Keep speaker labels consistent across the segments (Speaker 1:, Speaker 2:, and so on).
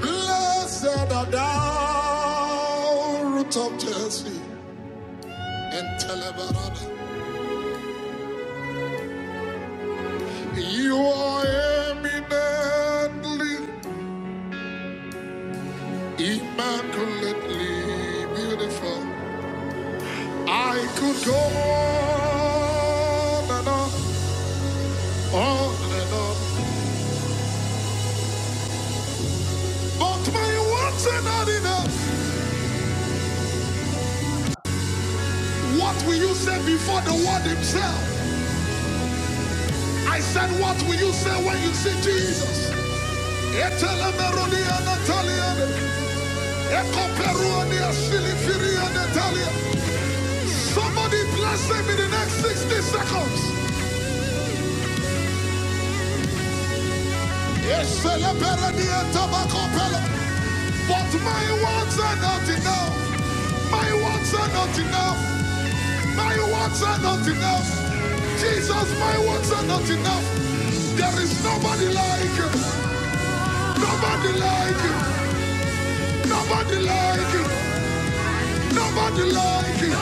Speaker 1: Blessed are thou, root of Jesse, and Telebarada. You are eminently, immaculately beautiful. I could go on and on, on and on, but my words are not enough. What will you say before the word himself? I said, what will you say when you see Jesus? Somebody bless him in the next 60 seconds. Yes, But my words are not enough. My words are not enough. My words are not enough. Jesus, my words are not enough. There is nobody like you. Nobody like you. Nobody like you. Nobody like you.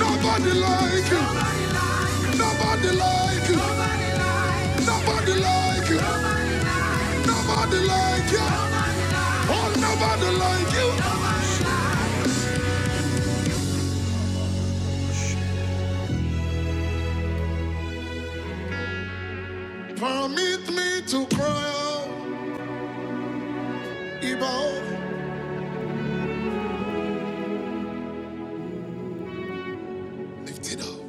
Speaker 1: Nobody like you. Nobody like you. Nobody like you. Nobody like you. Oh, nobody like you. Permit me to cry out. Ibo. Lift it up.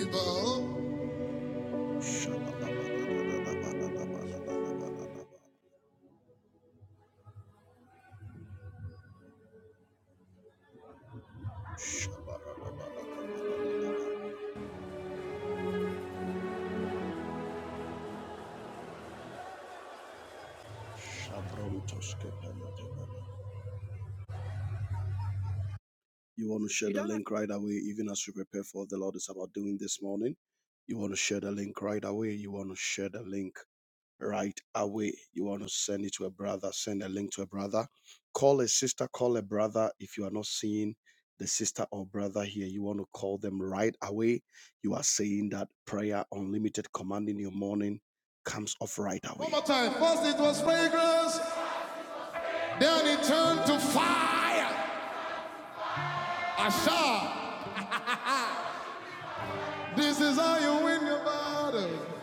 Speaker 1: Ibo. You want to share the link right away, even as you prepare for what the Lord is about doing this morning. You want to share the link right away. You want to share the link right away. You want to send it to a brother, send a link to a brother. Call a sister, call a brother. If you are not seeing the sister or brother here, you want to call them right away. You are saying that prayer unlimited command in your morning comes off right away. One more time. First it was fragrance, then it turned to fire. Asha, this is how you win your battle.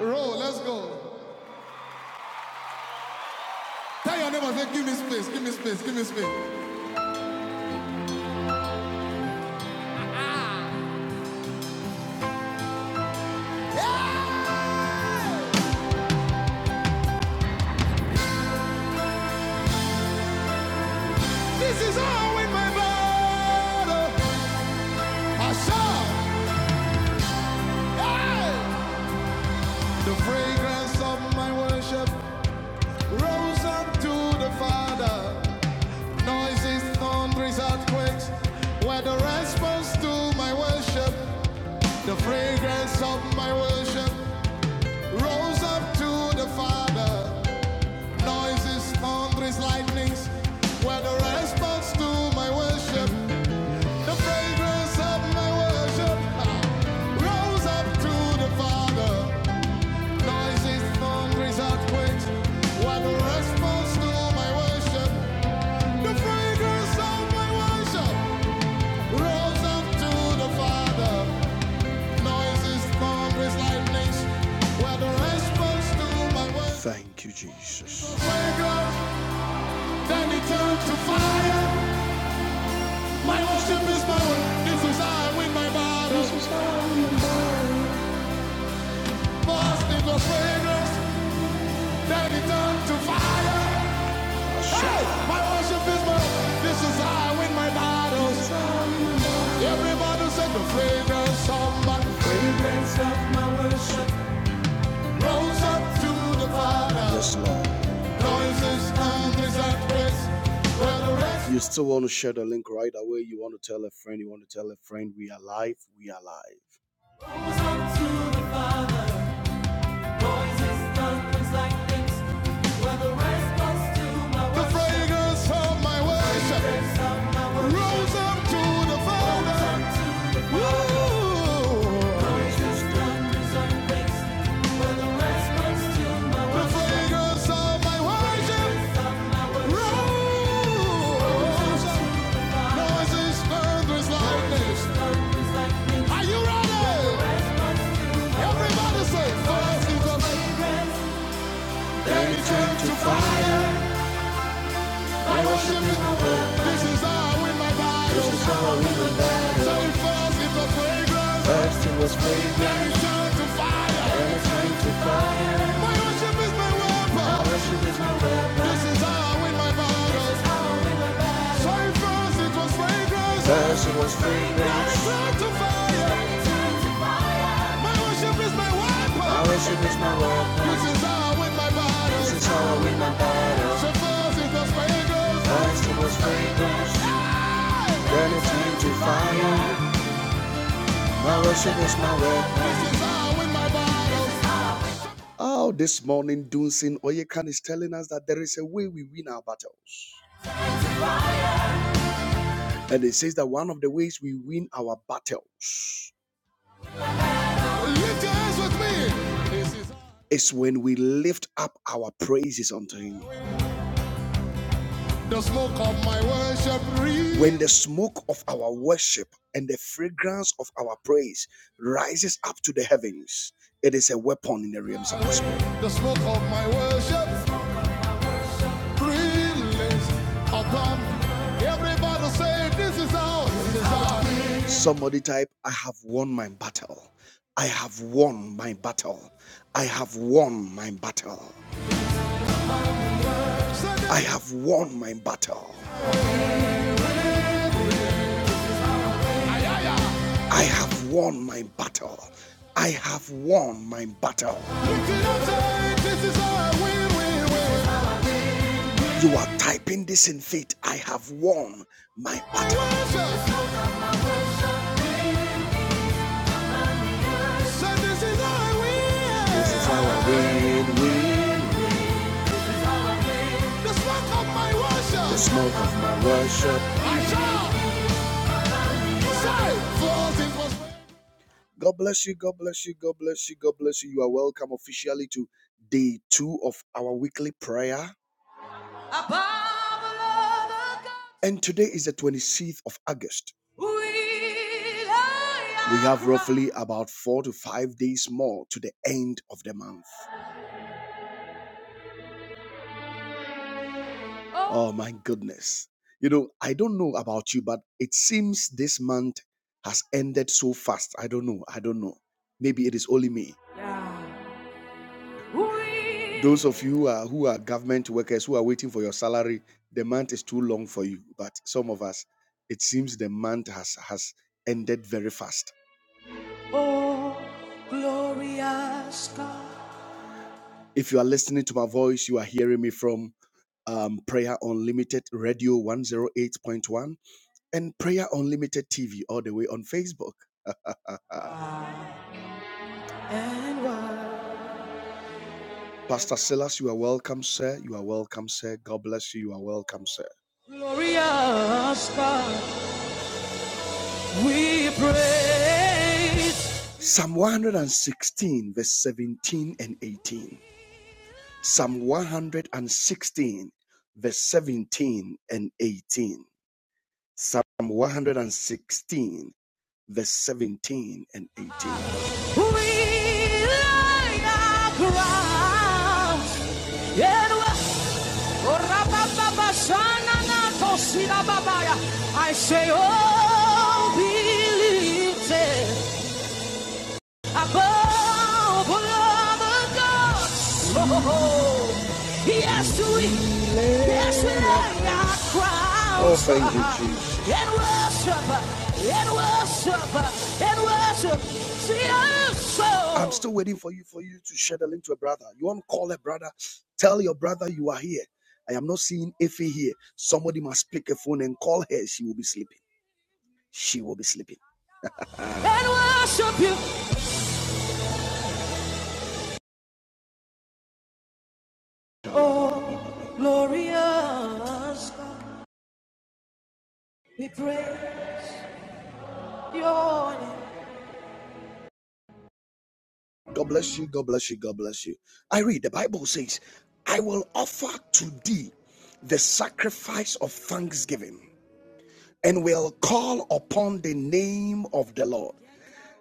Speaker 1: Roll, let's go. Tell your neighbor, say, give me space, give me space, give me space. Ah. Yeah! This is all in my blood. I shout, hey! The fragrance of my worship rose up to the Father. Noises, thunders, earthquakes were the response to my worship. The fragrance of my worship rose up to the Father. Noises, thunders, lightnings were the response to my worship. The fragrance of my worship. Thank you, Jesus. then it turned to fire. My worship is burning. This is I win my battle. Lost in the fragrance, then it turned to fire. Hey, my worship is my, this is how I win my battles. Everybody said the fragrance of my, the fragrance of my worship rose up to the Father. Yes, Lord. Noises, and praise. Well, rest. You still want to share the link right away. You want to tell a friend. You want to tell a friend we are live. We are live. Rose up to the Father. The fragrance of my worship rose up to the Father. Are you ready? Everybody say, first it was, then it turned to fire. My worship is the way. This is how I win my battles. This is how I win my battles. So it falls in the fragrance. First it was fragrance. Then it turned to fire. Then it turned to fire. My worship is my weapon. My worship is my weapon. This is how I win my battles. So it falls, it was fragrance. First it was fragrance. Then it turned to fire. My worship is my weapon. My worship is my weapon. This is how I win my battle. This is how I win my battles. So fast it goes fingers. First it was fragrance, then it turned fire. My worship is my weapon. This is how I win my battles. Oh, this morning, Dunsin Oyekan is telling us that there is a way we win our battles. And it says that one of the ways we win our battles It's when we lift up our praises unto Him. the smoke of my worship. Breathe. When the smoke of our worship and the fragrance of our praise rises up to the heavens, it is a weapon in the realms of the Spirit. The smoke of my worship. Everybody say this is ours. This is ours. Somebody type, I have won my battle. I have won my battle. I have won my battle. I have won my battle. I have won my battle. I have won my battle. You are typing this in faith. I have won my battle. So this is how I win. This is how I win, win. The smoke of my worship. The smoke of my worship. I shall say, God bless you. God bless you. God bless you. God bless you. You are welcome officially to day two of our weekly prayer. And today is the 26th of August. We have roughly about four to five days more to the end of the month. Oh, Oh my goodness. You know, I don't know about you, but it seems this month has ended so fast. I don't know. I don't know. Maybe it is only me. yeah. Those of you who are, who are government workers who are waiting for your salary, the month is too long for you. But some of us, it seems the month has has ended very fast. oh glorious God. If you are listening to my voice, you are hearing me from um, Prayer Unlimited Radio 108.1 and Prayer Unlimited TV all the way on Facebook. Pastor Silas, you are welcome, sir. You are welcome, sir. God bless you. You are welcome, sir. Glorious God, we praise. Psalm 116, verse 17 and 18. Psalm 116, verse 17 and 18. Psalm 116, verse 17 and 18. We lie our ground. I say, oh, believe it. Above all the gods, oh, yes we, yes we lay our Oh, crowns thank you, Jesus. and worship, and worship, and worship. See us I'm so. still waiting for you for you to share the link to a brother. You want to call a brother? Tell your brother you are here. I am not seeing Effie here. Somebody must pick a phone and call her. She will be sleeping. She will be sleeping. and worship you. Oh. Glorious God, we praise your name. God bless you, God bless you, God bless you. I read the Bible says, I will offer to thee the sacrifice of thanksgiving and will call upon the name of the Lord.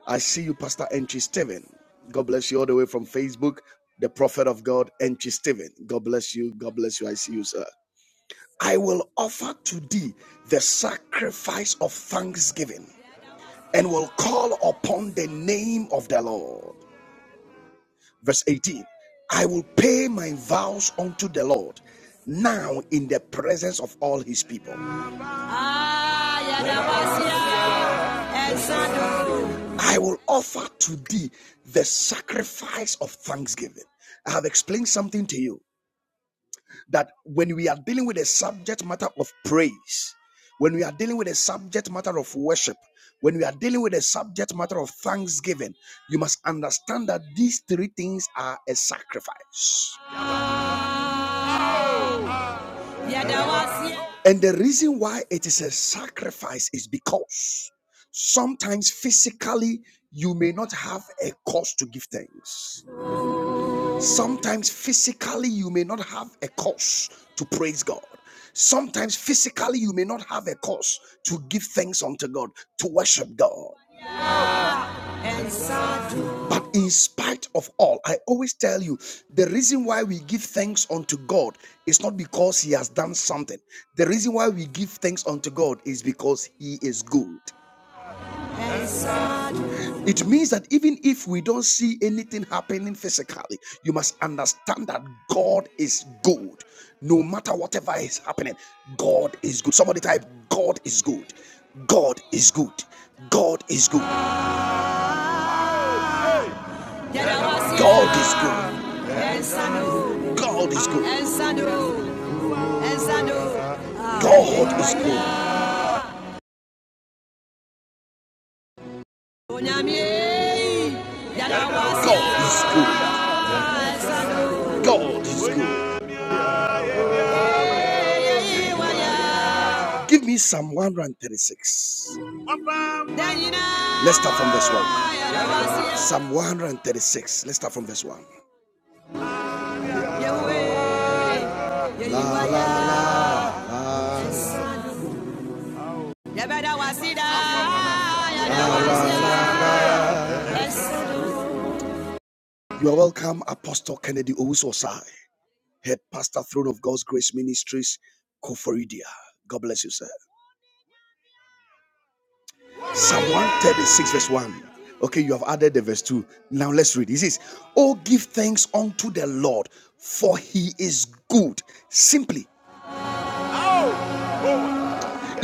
Speaker 1: I see you, Pastor Entry Stephen. God bless you all the way from Facebook, the prophet of God, Entry Stephen. God bless you, God bless you. I see you, sir. I will offer to thee the sacrifice of thanksgiving and will call upon the name of the Lord. Verse 18 I will pay my vows unto the Lord now in the presence of all his people. I will offer to thee the sacrifice of thanksgiving. I have explained something to you that when we are dealing with a subject matter of praise, when we are dealing with a subject matter of worship, when we are dealing with a subject matter of thanksgiving, you must understand that these three things are a sacrifice. And the reason why it is a sacrifice is because sometimes physically you may not have a cause to give thanks. Sometimes physically you may not have a cause to praise God. Sometimes physically you may not have a cause to give thanks unto God, to worship God. But in spite of all, I always tell you the reason why we give thanks unto God is not because He has done something. The reason why we give thanks unto God is because He is good. It means that even if we don't see anything happening physically, you must understand that God is good. No matter whatever is happening, God is good. Somebody type, God is good. God is good. God is good. God is good. God is good. God is good. God is good. God is good. Give me Psalm 136. Let's start from verse 1. Psalm 136. Let's start from verse 1. You are welcome, Apostle Kennedy Owusu Osai. head pastor, throne of God's grace ministries, Koforidia. God bless you, sir. Psalm 136, verse 1. Okay, you have added the verse 2. Now let's read. It says, Oh, give thanks unto the Lord, for he is good. Simply,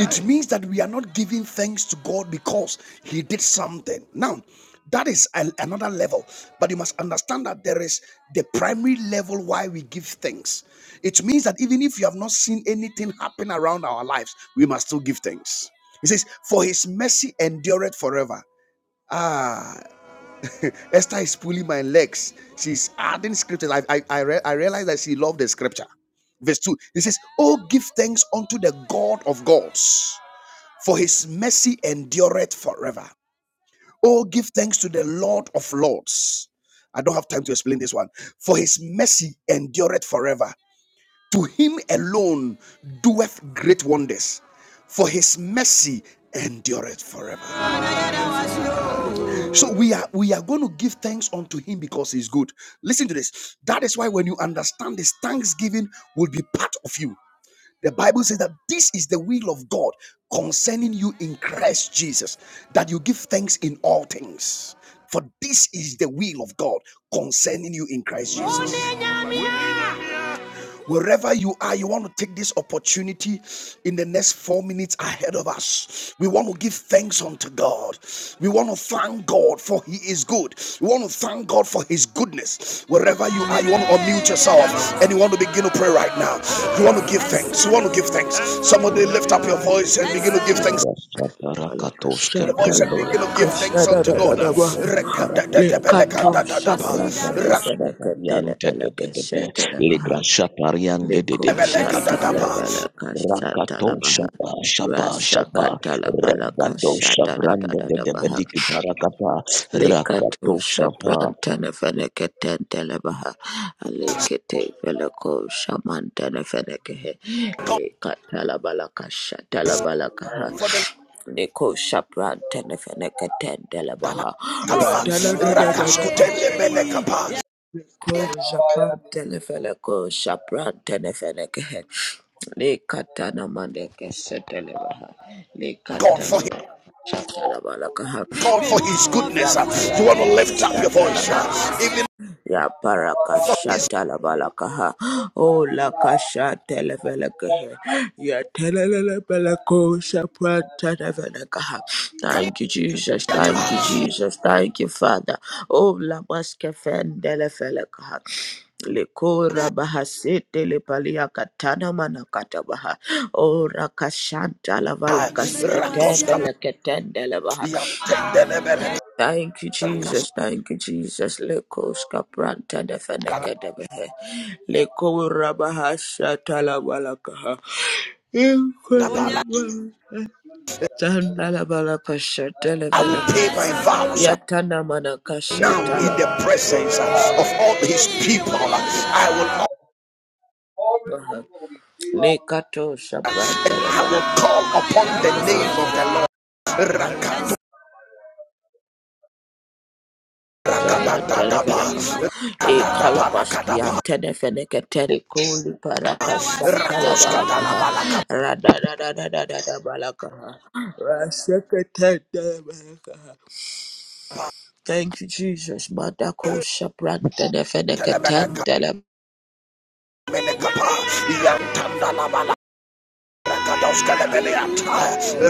Speaker 1: It means that we are not giving thanks to God because He did something. Now, that is an- another level, but you must understand that there is the primary level why we give thanks. It means that even if you have not seen anything happen around our lives, we must still give thanks. He says, For His mercy endureth forever. Ah, Esther is pulling my legs. She's adding scriptures. I, I, I, re- I realize that she loved the scripture verse 2 he says oh give thanks unto the god of gods for his mercy endureth forever. Oh, give thanks to the Lord of Lords. I don't have time to explain this one. For his mercy endureth forever. To him alone doeth great wonders. For his mercy endureth forever. So we are we are going to give thanks unto him because he's good. Listen to this. That is why when you understand this, thanksgiving will be part of you. The Bible says that this is the will of God concerning you in Christ Jesus, that you give thanks in all things. For this is the will of God concerning you in Christ Jesus. Wherever you are, you want to take this opportunity in the next four minutes ahead of us. We want to give thanks unto God. We want to thank God for He is good. We want to thank God for His goodness. Wherever you are, you want to unmute yourself and you want to begin to pray right now. You want to give thanks. You want to give thanks. Somebody lift up your voice and begin to give thanks
Speaker 2: Ubrasta parakatoske
Speaker 1: your voice and
Speaker 2: prende de
Speaker 1: begin
Speaker 2: de
Speaker 1: to give
Speaker 2: de.
Speaker 1: thanks unto God.
Speaker 3: Balakashatalabalakashadadadadaba.
Speaker 2: Rabadeka parakataka
Speaker 3: Likato
Speaker 1: Rekadadadabelekadadadaba.
Speaker 2: Rabadesha variante de de de de.
Speaker 3: shaprantanefenekatelebelekeshetelebaha.
Speaker 2: Ligrasha pariante de
Speaker 3: Liko
Speaker 2: de de de de de de
Speaker 1: Rakadabelekadadaba.
Speaker 2: Rakato
Speaker 3: shatalabelekashatalabaha.
Speaker 2: shapa shapa shapa. Rabado shabrande de de de
Speaker 3: Rasakatalabelekashatadadadadabaha.
Speaker 2: de de parakapa.
Speaker 3: Likato
Speaker 2: Rakato shapa.
Speaker 3: shaprantanefeneketentelebaha. Alikitebeleko shamantanefenekehe. Likatalabelekashatalabelekaha.
Speaker 4: I am
Speaker 3: Nico
Speaker 4: the
Speaker 3: Shapran Telefaneka
Speaker 1: God
Speaker 3: Tendelabaha Ratana Ko Shapran Telefaneko Shapran Telefaneka Likatana Mandeke Setelebaha
Speaker 1: for
Speaker 3: Likatana
Speaker 1: his,
Speaker 3: Shatalabalakaha
Speaker 1: God for his goodness. You want to lift up your voice,
Speaker 3: Yatalabalaka
Speaker 1: uh, even
Speaker 3: Ya baraka
Speaker 1: for his
Speaker 3: shata la balakaha. O la kashata la
Speaker 4: one who
Speaker 3: velakaha.
Speaker 4: is the Lord.
Speaker 3: Ya telele belako shaprata la Thank you, Jesus. Thank you, Jesus. Thank you, Father. Oh la maskefende la velakaha. Likora bahasete le palia katana mana katabaha. O rakashanta la
Speaker 1: uh,
Speaker 3: valakaskete
Speaker 1: Rakoska.
Speaker 3: velaketende la Thank you, Jesus. Thank you, Jesus. Leko skapranta de feneke de behe. Leko rabaha shatala balakaha. Inkola Tandala balaka shatele
Speaker 1: I will
Speaker 3: veleke.
Speaker 1: pay my vows uh,
Speaker 3: Yatana manaka
Speaker 1: now in
Speaker 3: shatala
Speaker 1: the presence uh, of all his people. I will honor
Speaker 4: All we
Speaker 3: baha.
Speaker 4: will be, we will not
Speaker 3: Lekato
Speaker 4: be
Speaker 1: and
Speaker 3: shapranta de
Speaker 1: I will
Speaker 4: born.
Speaker 3: veleke.
Speaker 1: call upon the name of the Lord. Rakatu,
Speaker 3: Shaman
Speaker 1: rakatatatapa,
Speaker 3: Televelakaha, E Kalabaski
Speaker 1: rakatabalakatapa,
Speaker 3: and Tenefeneke Terikoli Parakasa Talabalakaha,
Speaker 1: rakoskatalabalakatapa.
Speaker 3: Radadadadadada Balakaha, Rasekete Balakaha. Thank you, Jesus. Madako Shapran Tenefeneke
Speaker 1: Telebeleka
Speaker 3: Tendele,
Speaker 1: menekapa, yantanda la bala, rakados kelebeliata,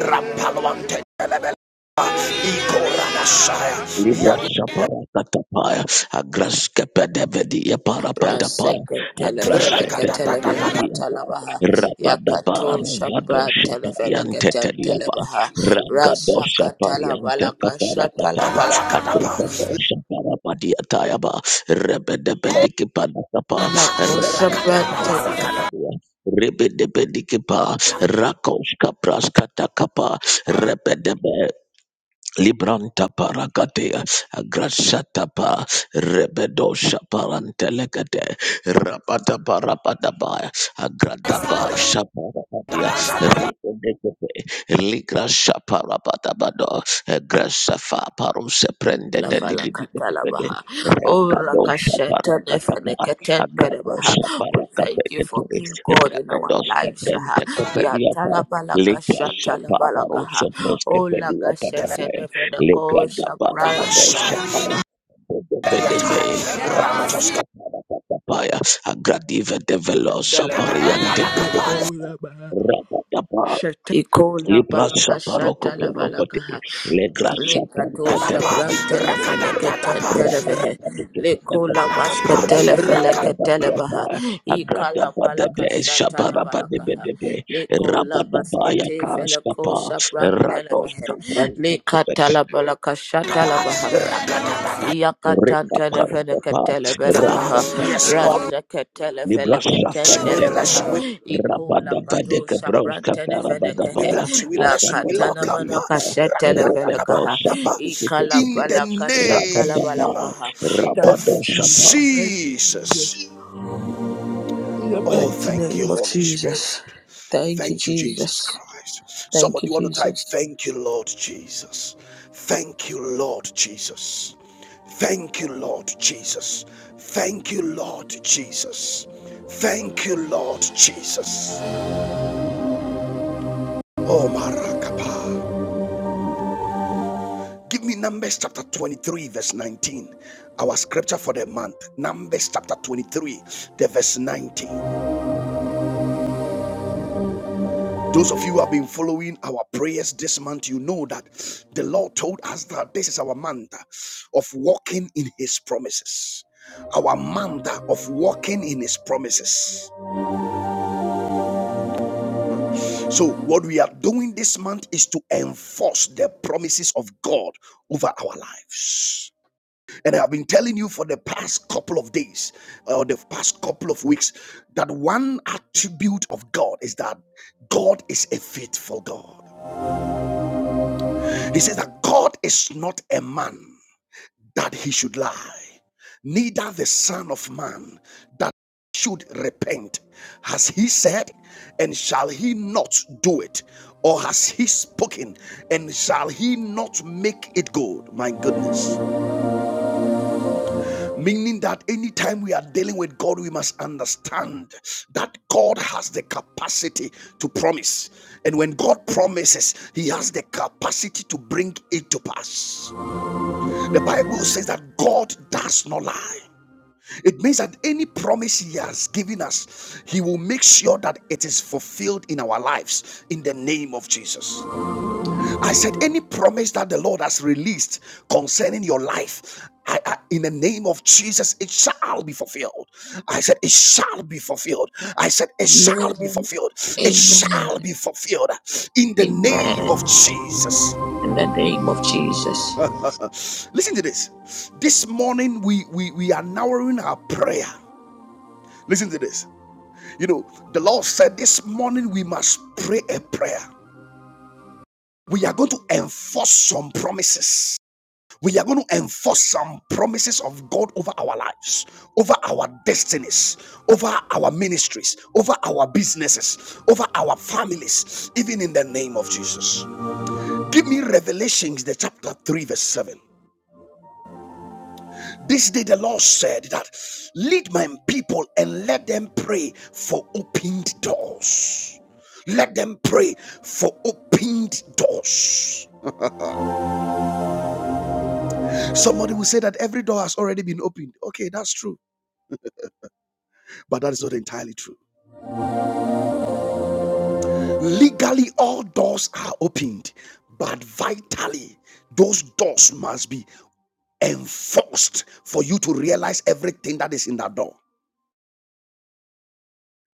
Speaker 1: rampalwante kelebeleka, ikora nasaya,
Speaker 2: Libra
Speaker 1: yan
Speaker 2: Shapara Katapaya, Agraska Pedavedia Parapatapaya, Agrasha
Speaker 3: Raseketeleveleke
Speaker 1: rakatatatapa,
Speaker 3: Televeleka
Speaker 2: Tepatia,
Speaker 3: Talabaha,
Speaker 2: Rabadabara
Speaker 3: Yakato
Speaker 2: Vado
Speaker 3: Shapran
Speaker 2: Shaparian
Speaker 3: Televeleke
Speaker 2: Teteliapa,
Speaker 3: Tendelebaha,
Speaker 2: Ragado Shaparian
Speaker 3: Rasakatalabalaka
Speaker 2: Tekaparapata,
Speaker 3: Shatalabala.
Speaker 2: Agravado Shaparapadia Tayaba, Rebedebedikipanatapa,
Speaker 3: La Shabrata
Speaker 2: Rebedebedikipa. Rebedebedikipa, Rakoska Praskata Kapa, Rebedebe, Libranta paragatea, agrashata pa, rebedosha parantelegate, rabata parapata pa, agrata pa, shaparapadia, ribedekete, ligra shaparapata bado, grasafa paruse prende
Speaker 3: La
Speaker 2: de dibidibidibide,
Speaker 3: Falakatalabaha. Oh
Speaker 2: rabadosha
Speaker 3: Rakasheta
Speaker 2: parakata pa,
Speaker 3: Defanekatenderabaha.
Speaker 2: agradosha
Speaker 3: We thank you
Speaker 2: parakapekete,
Speaker 3: for being God in our
Speaker 2: rebedosha
Speaker 3: lives. ah.
Speaker 2: prente
Speaker 3: Ya
Speaker 2: kepedia pa, ligra
Speaker 3: Talabalakashata Lavalakaha.
Speaker 2: shaparuso
Speaker 3: Oh
Speaker 2: preske pedia
Speaker 3: Lagasheta
Speaker 2: pa,
Speaker 3: Defaneko Shabrata.
Speaker 1: rabasaya,
Speaker 2: Agradive develo sapariante Rabadaba
Speaker 3: Shete Ikola
Speaker 2: Libra
Speaker 3: balaka
Speaker 2: Saparoko
Speaker 3: shata la balaka
Speaker 2: Porokote
Speaker 3: ha.
Speaker 2: Legra
Speaker 3: Likato
Speaker 2: Sapanta
Speaker 3: shapran telefene keten televehe. Likola maske telefele
Speaker 2: Rabadaba
Speaker 3: ketelebaha. Ikala
Speaker 2: Agradaba
Speaker 3: balaka
Speaker 2: de
Speaker 3: shata la
Speaker 2: Saparaba de
Speaker 3: balaka ha.
Speaker 2: Bedebe
Speaker 3: Likola
Speaker 2: Rabadaba
Speaker 3: baskete feleko
Speaker 2: Yakaskapa
Speaker 3: shapran
Speaker 2: Rado
Speaker 3: televehe.
Speaker 2: Sabranta
Speaker 3: Likata la balaka shata la baha.
Speaker 2: Rekapapa,
Speaker 1: rakapa.
Speaker 3: Yakatantanefenekatelebelekaha,
Speaker 1: Yes,
Speaker 2: rapapapa,
Speaker 1: Lord,
Speaker 2: libra
Speaker 1: we
Speaker 2: shafante
Speaker 1: bless
Speaker 2: bebe,
Speaker 3: Rasakatelefelekatendelevaha,
Speaker 1: you, we bless you.
Speaker 2: rabada bade kebraus kaparabada
Speaker 1: We
Speaker 3: Ikolakadosaprantenefenekahe,
Speaker 2: baya,
Speaker 1: bless you, we
Speaker 2: ababede
Speaker 1: lock up
Speaker 2: bebe
Speaker 1: uh,
Speaker 2: yapa, rebebe
Speaker 3: Lakatanamanakasetelebelekaha,
Speaker 2: shapa
Speaker 1: rakatatabalakapa,
Speaker 2: dikite kite,
Speaker 1: in the
Speaker 2: rabada ba,
Speaker 1: name
Speaker 3: Ikalabalakashatalabalakaha. Thank
Speaker 2: rabada
Speaker 3: you,
Speaker 1: of
Speaker 2: shapa,
Speaker 3: Jesus. Thank you,
Speaker 1: Jesus.
Speaker 3: Jesus. In the
Speaker 1: Oh,
Speaker 3: mighty
Speaker 1: thank you,
Speaker 3: name of
Speaker 1: Holy
Speaker 3: Jesus.
Speaker 1: Spirit.
Speaker 3: Thank you,
Speaker 1: Thank you, Jesus
Speaker 3: Jesus.
Speaker 1: Christ.
Speaker 3: Thank
Speaker 1: Somebody
Speaker 3: you,
Speaker 1: want to type,
Speaker 3: Jesus.
Speaker 1: Thank you, Lord Jesus. Thank you, Lord Jesus. Thank you, Lord Jesus. Thank you, Lord Jesus. Thank you, Lord Jesus. Oh, Marakapa. Give me Numbers chapter 23, verse 19. Our scripture for the month. Numbers chapter 23, the verse 19. Those of you who have been following our prayers this month, you know that the Lord told us that this is our month of walking in His promises. Our month of walking in His promises. So, what we are doing this month is to enforce the promises of God over our lives. And I have been telling you for the past couple of days or the past couple of weeks that one attribute of God is that God is a faithful God. He says that God is not a man that he should lie, neither the Son of Man that should repent. Has he said, and shall he not do it? Or has he spoken, and shall he not make it good? My goodness. Meaning that anytime we are dealing with God, we must understand that God has the capacity to promise. And when God promises, he has the capacity to bring it to pass. The Bible says that God does not lie. It means that any promise He has given us, He will make sure that it is fulfilled in our lives in the name of Jesus. I said, any promise that the Lord has released concerning your life, I, I- in the name of Jesus, it shall be fulfilled. I said, it shall be fulfilled. I said, it shall be
Speaker 3: Amen.
Speaker 1: fulfilled. It
Speaker 3: Amen.
Speaker 1: shall be fulfilled in the name
Speaker 3: Amen.
Speaker 1: of Jesus.
Speaker 3: In the name of Jesus.
Speaker 1: Listen to this. This morning we we, we are narrowing our prayer. Listen to this. You know, the Lord said this morning we must pray a prayer. We are going to enforce some promises. We are going to enforce some promises of God over our lives, over our destinies, over our ministries, over our businesses, over our families, even in the name of Jesus. Give me Revelations, the chapter 3, verse 7. This day the Lord said that lead my people and let them pray for opened doors. Let them pray for opened doors. Somebody will say that every door has already been opened. Okay, that's true, but that is not entirely true. Legally, all doors are opened, but vitally, those doors must be enforced for you to realize everything that is in that door.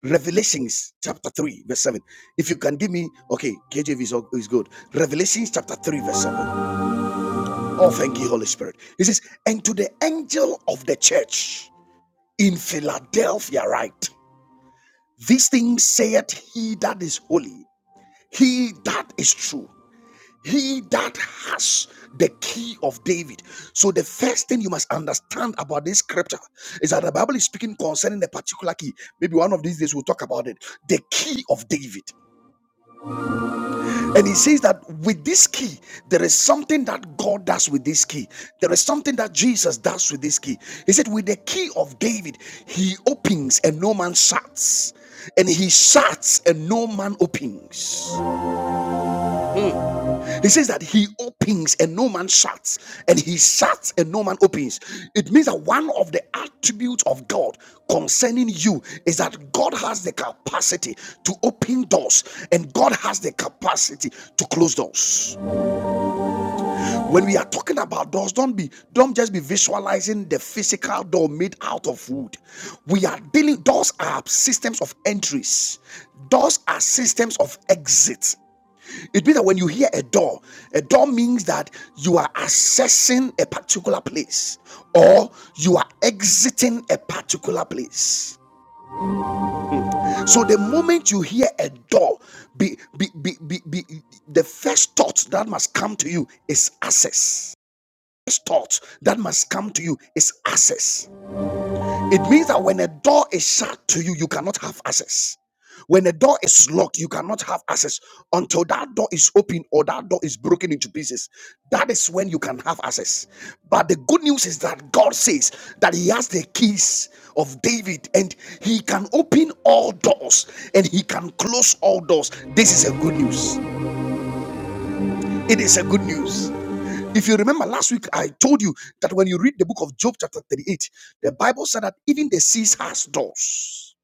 Speaker 1: Revelations chapter 3, verse 7. If you can give me, okay, KJV is, is good. Revelations chapter 3, verse 7. Oh, thank you, Holy Spirit. He says, And to the angel of the church in Philadelphia, write, These things saith he that is holy, he that is true, he that has the key of David. So, the first thing you must understand about this scripture is that the Bible is speaking concerning a particular key. Maybe one of these days we'll talk about it. The key of David. And he says that with this key, there is something that God does with this key. There is something that Jesus does with this key. He said, with the key of David, he opens and no man shuts. And he shuts and no man opens. He says that he opens and no man shuts. And he shuts and no man opens. It means that one of the attributes of God concerning you is that God has the capacity to open doors and God has the capacity to close doors. When we are talking about doors, don't be don't just be visualizing the physical door made out of wood. We are dealing doors are systems of entries. Doors are systems of exits. It means that when you hear a door, a door means that you are accessing a particular place or you are exiting a particular place. So the moment you hear a door, be, be, be, be, be, the first thought that must come to you is access thoughts that must come to you is access. It means that when a door is shut to you, you cannot have access. When a door is locked, you cannot have access until that door is open or that door is broken into pieces. That is when you can have access. But the good news is that God says that He has the keys of David and He can open all doors and He can close all doors. This is a good news. It is a good news. If you remember last week, I told you that when you read the book of Job, chapter 38, the Bible said that even the seas has doors.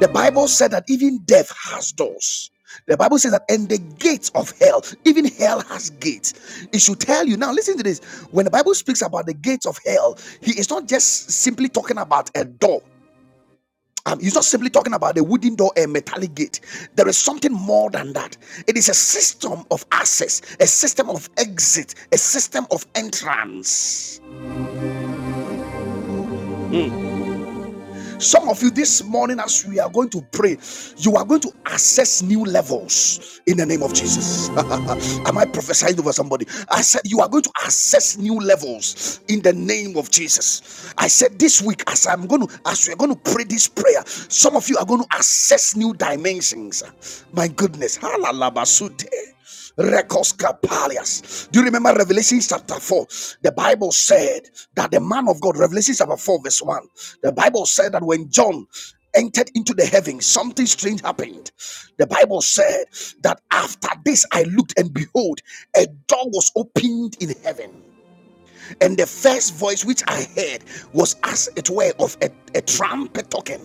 Speaker 1: The Bible said that even death has doors. The Bible says that, and the gates of hell, even hell has gates. It should tell you now, listen to this. When the Bible speaks about the gates of hell, he is not just simply talking about a door, um, he's not simply talking about a wooden door, a metallic gate. There is something more than that. It is a system of access, a system of exit, a system of entrance. Some of you this morning, as we are going to pray, you are going to access new levels in the name of Jesus. Am I prophesying over somebody? I said, You are going to access new levels in the name of Jesus. I said, This week, as I'm going to, as we're going to pray this prayer, some of you are going to access new dimensions. My goodness. Halalabasute. Rekoska Palias. Do you remember Revelation chapter 4? The Bible said that the man of God, Revelation chapter 4, verse 1, the Bible said that when John entered into the heavens, something strange happened. The Bible said that after this I looked and behold, a door was opened in heaven. And the first voice which I heard was as it were of a, a trumpet token.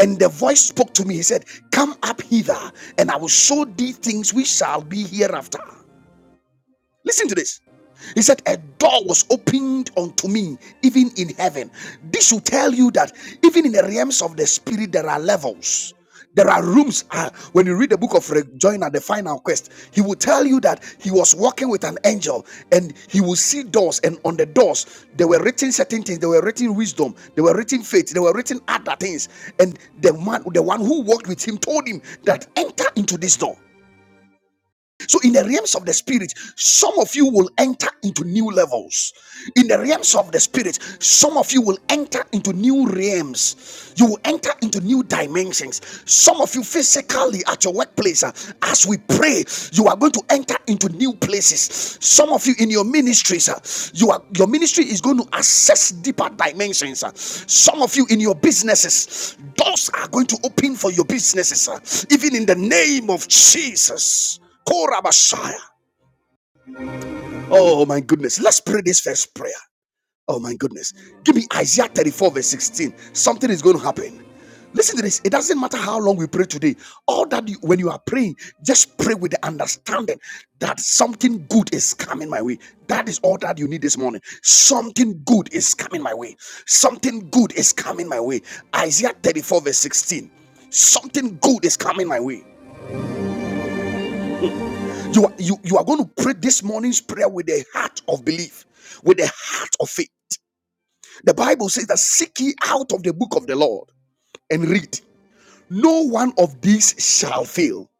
Speaker 1: And the voice spoke to me, he said, Come up hither, and I will show thee things which shall be hereafter. Listen to this. He said, A door was opened unto me, even in heaven. This will tell you that even in the realms of the spirit, there are levels. There are rooms. Ah, when you read the book of Rejoinder, the final quest, he will tell you that he was walking with an angel and he will see doors. And on the doors, there were written certain things. There were written wisdom. There were written faith. There were written other things. And the man, the one who walked with him told him that enter into this door. So, in the realms of the spirit, some of you will enter into new levels. In the realms of the spirit, some of you will enter into new realms. You will enter into new dimensions. Some of you physically at your workplace, uh, as we pray, you are going to enter into new places. Some of you in your ministries, uh, you are your ministry is going to access deeper dimensions. uh. Some of you in your businesses, doors are going to open for your businesses, uh, even in the name of Jesus. Korabashaya. Oh my goodness. Let's pray this first prayer. Oh my goodness. Give me Isaiah 34, verse 16. Something is going to happen. Listen to this. It doesn't matter how long we pray today. All that you, when you are praying, just pray with the understanding that something good is coming my way. That is all that you need this morning. Something good is coming my way. Something good is coming my way. Isaiah 34, verse 16. Something good is coming my way. You are, you, you are going to pray this morning's prayer with a heart of belief, with a heart of faith. The Bible says that seek ye out of the book of the Lord and read. No one of these shall fail.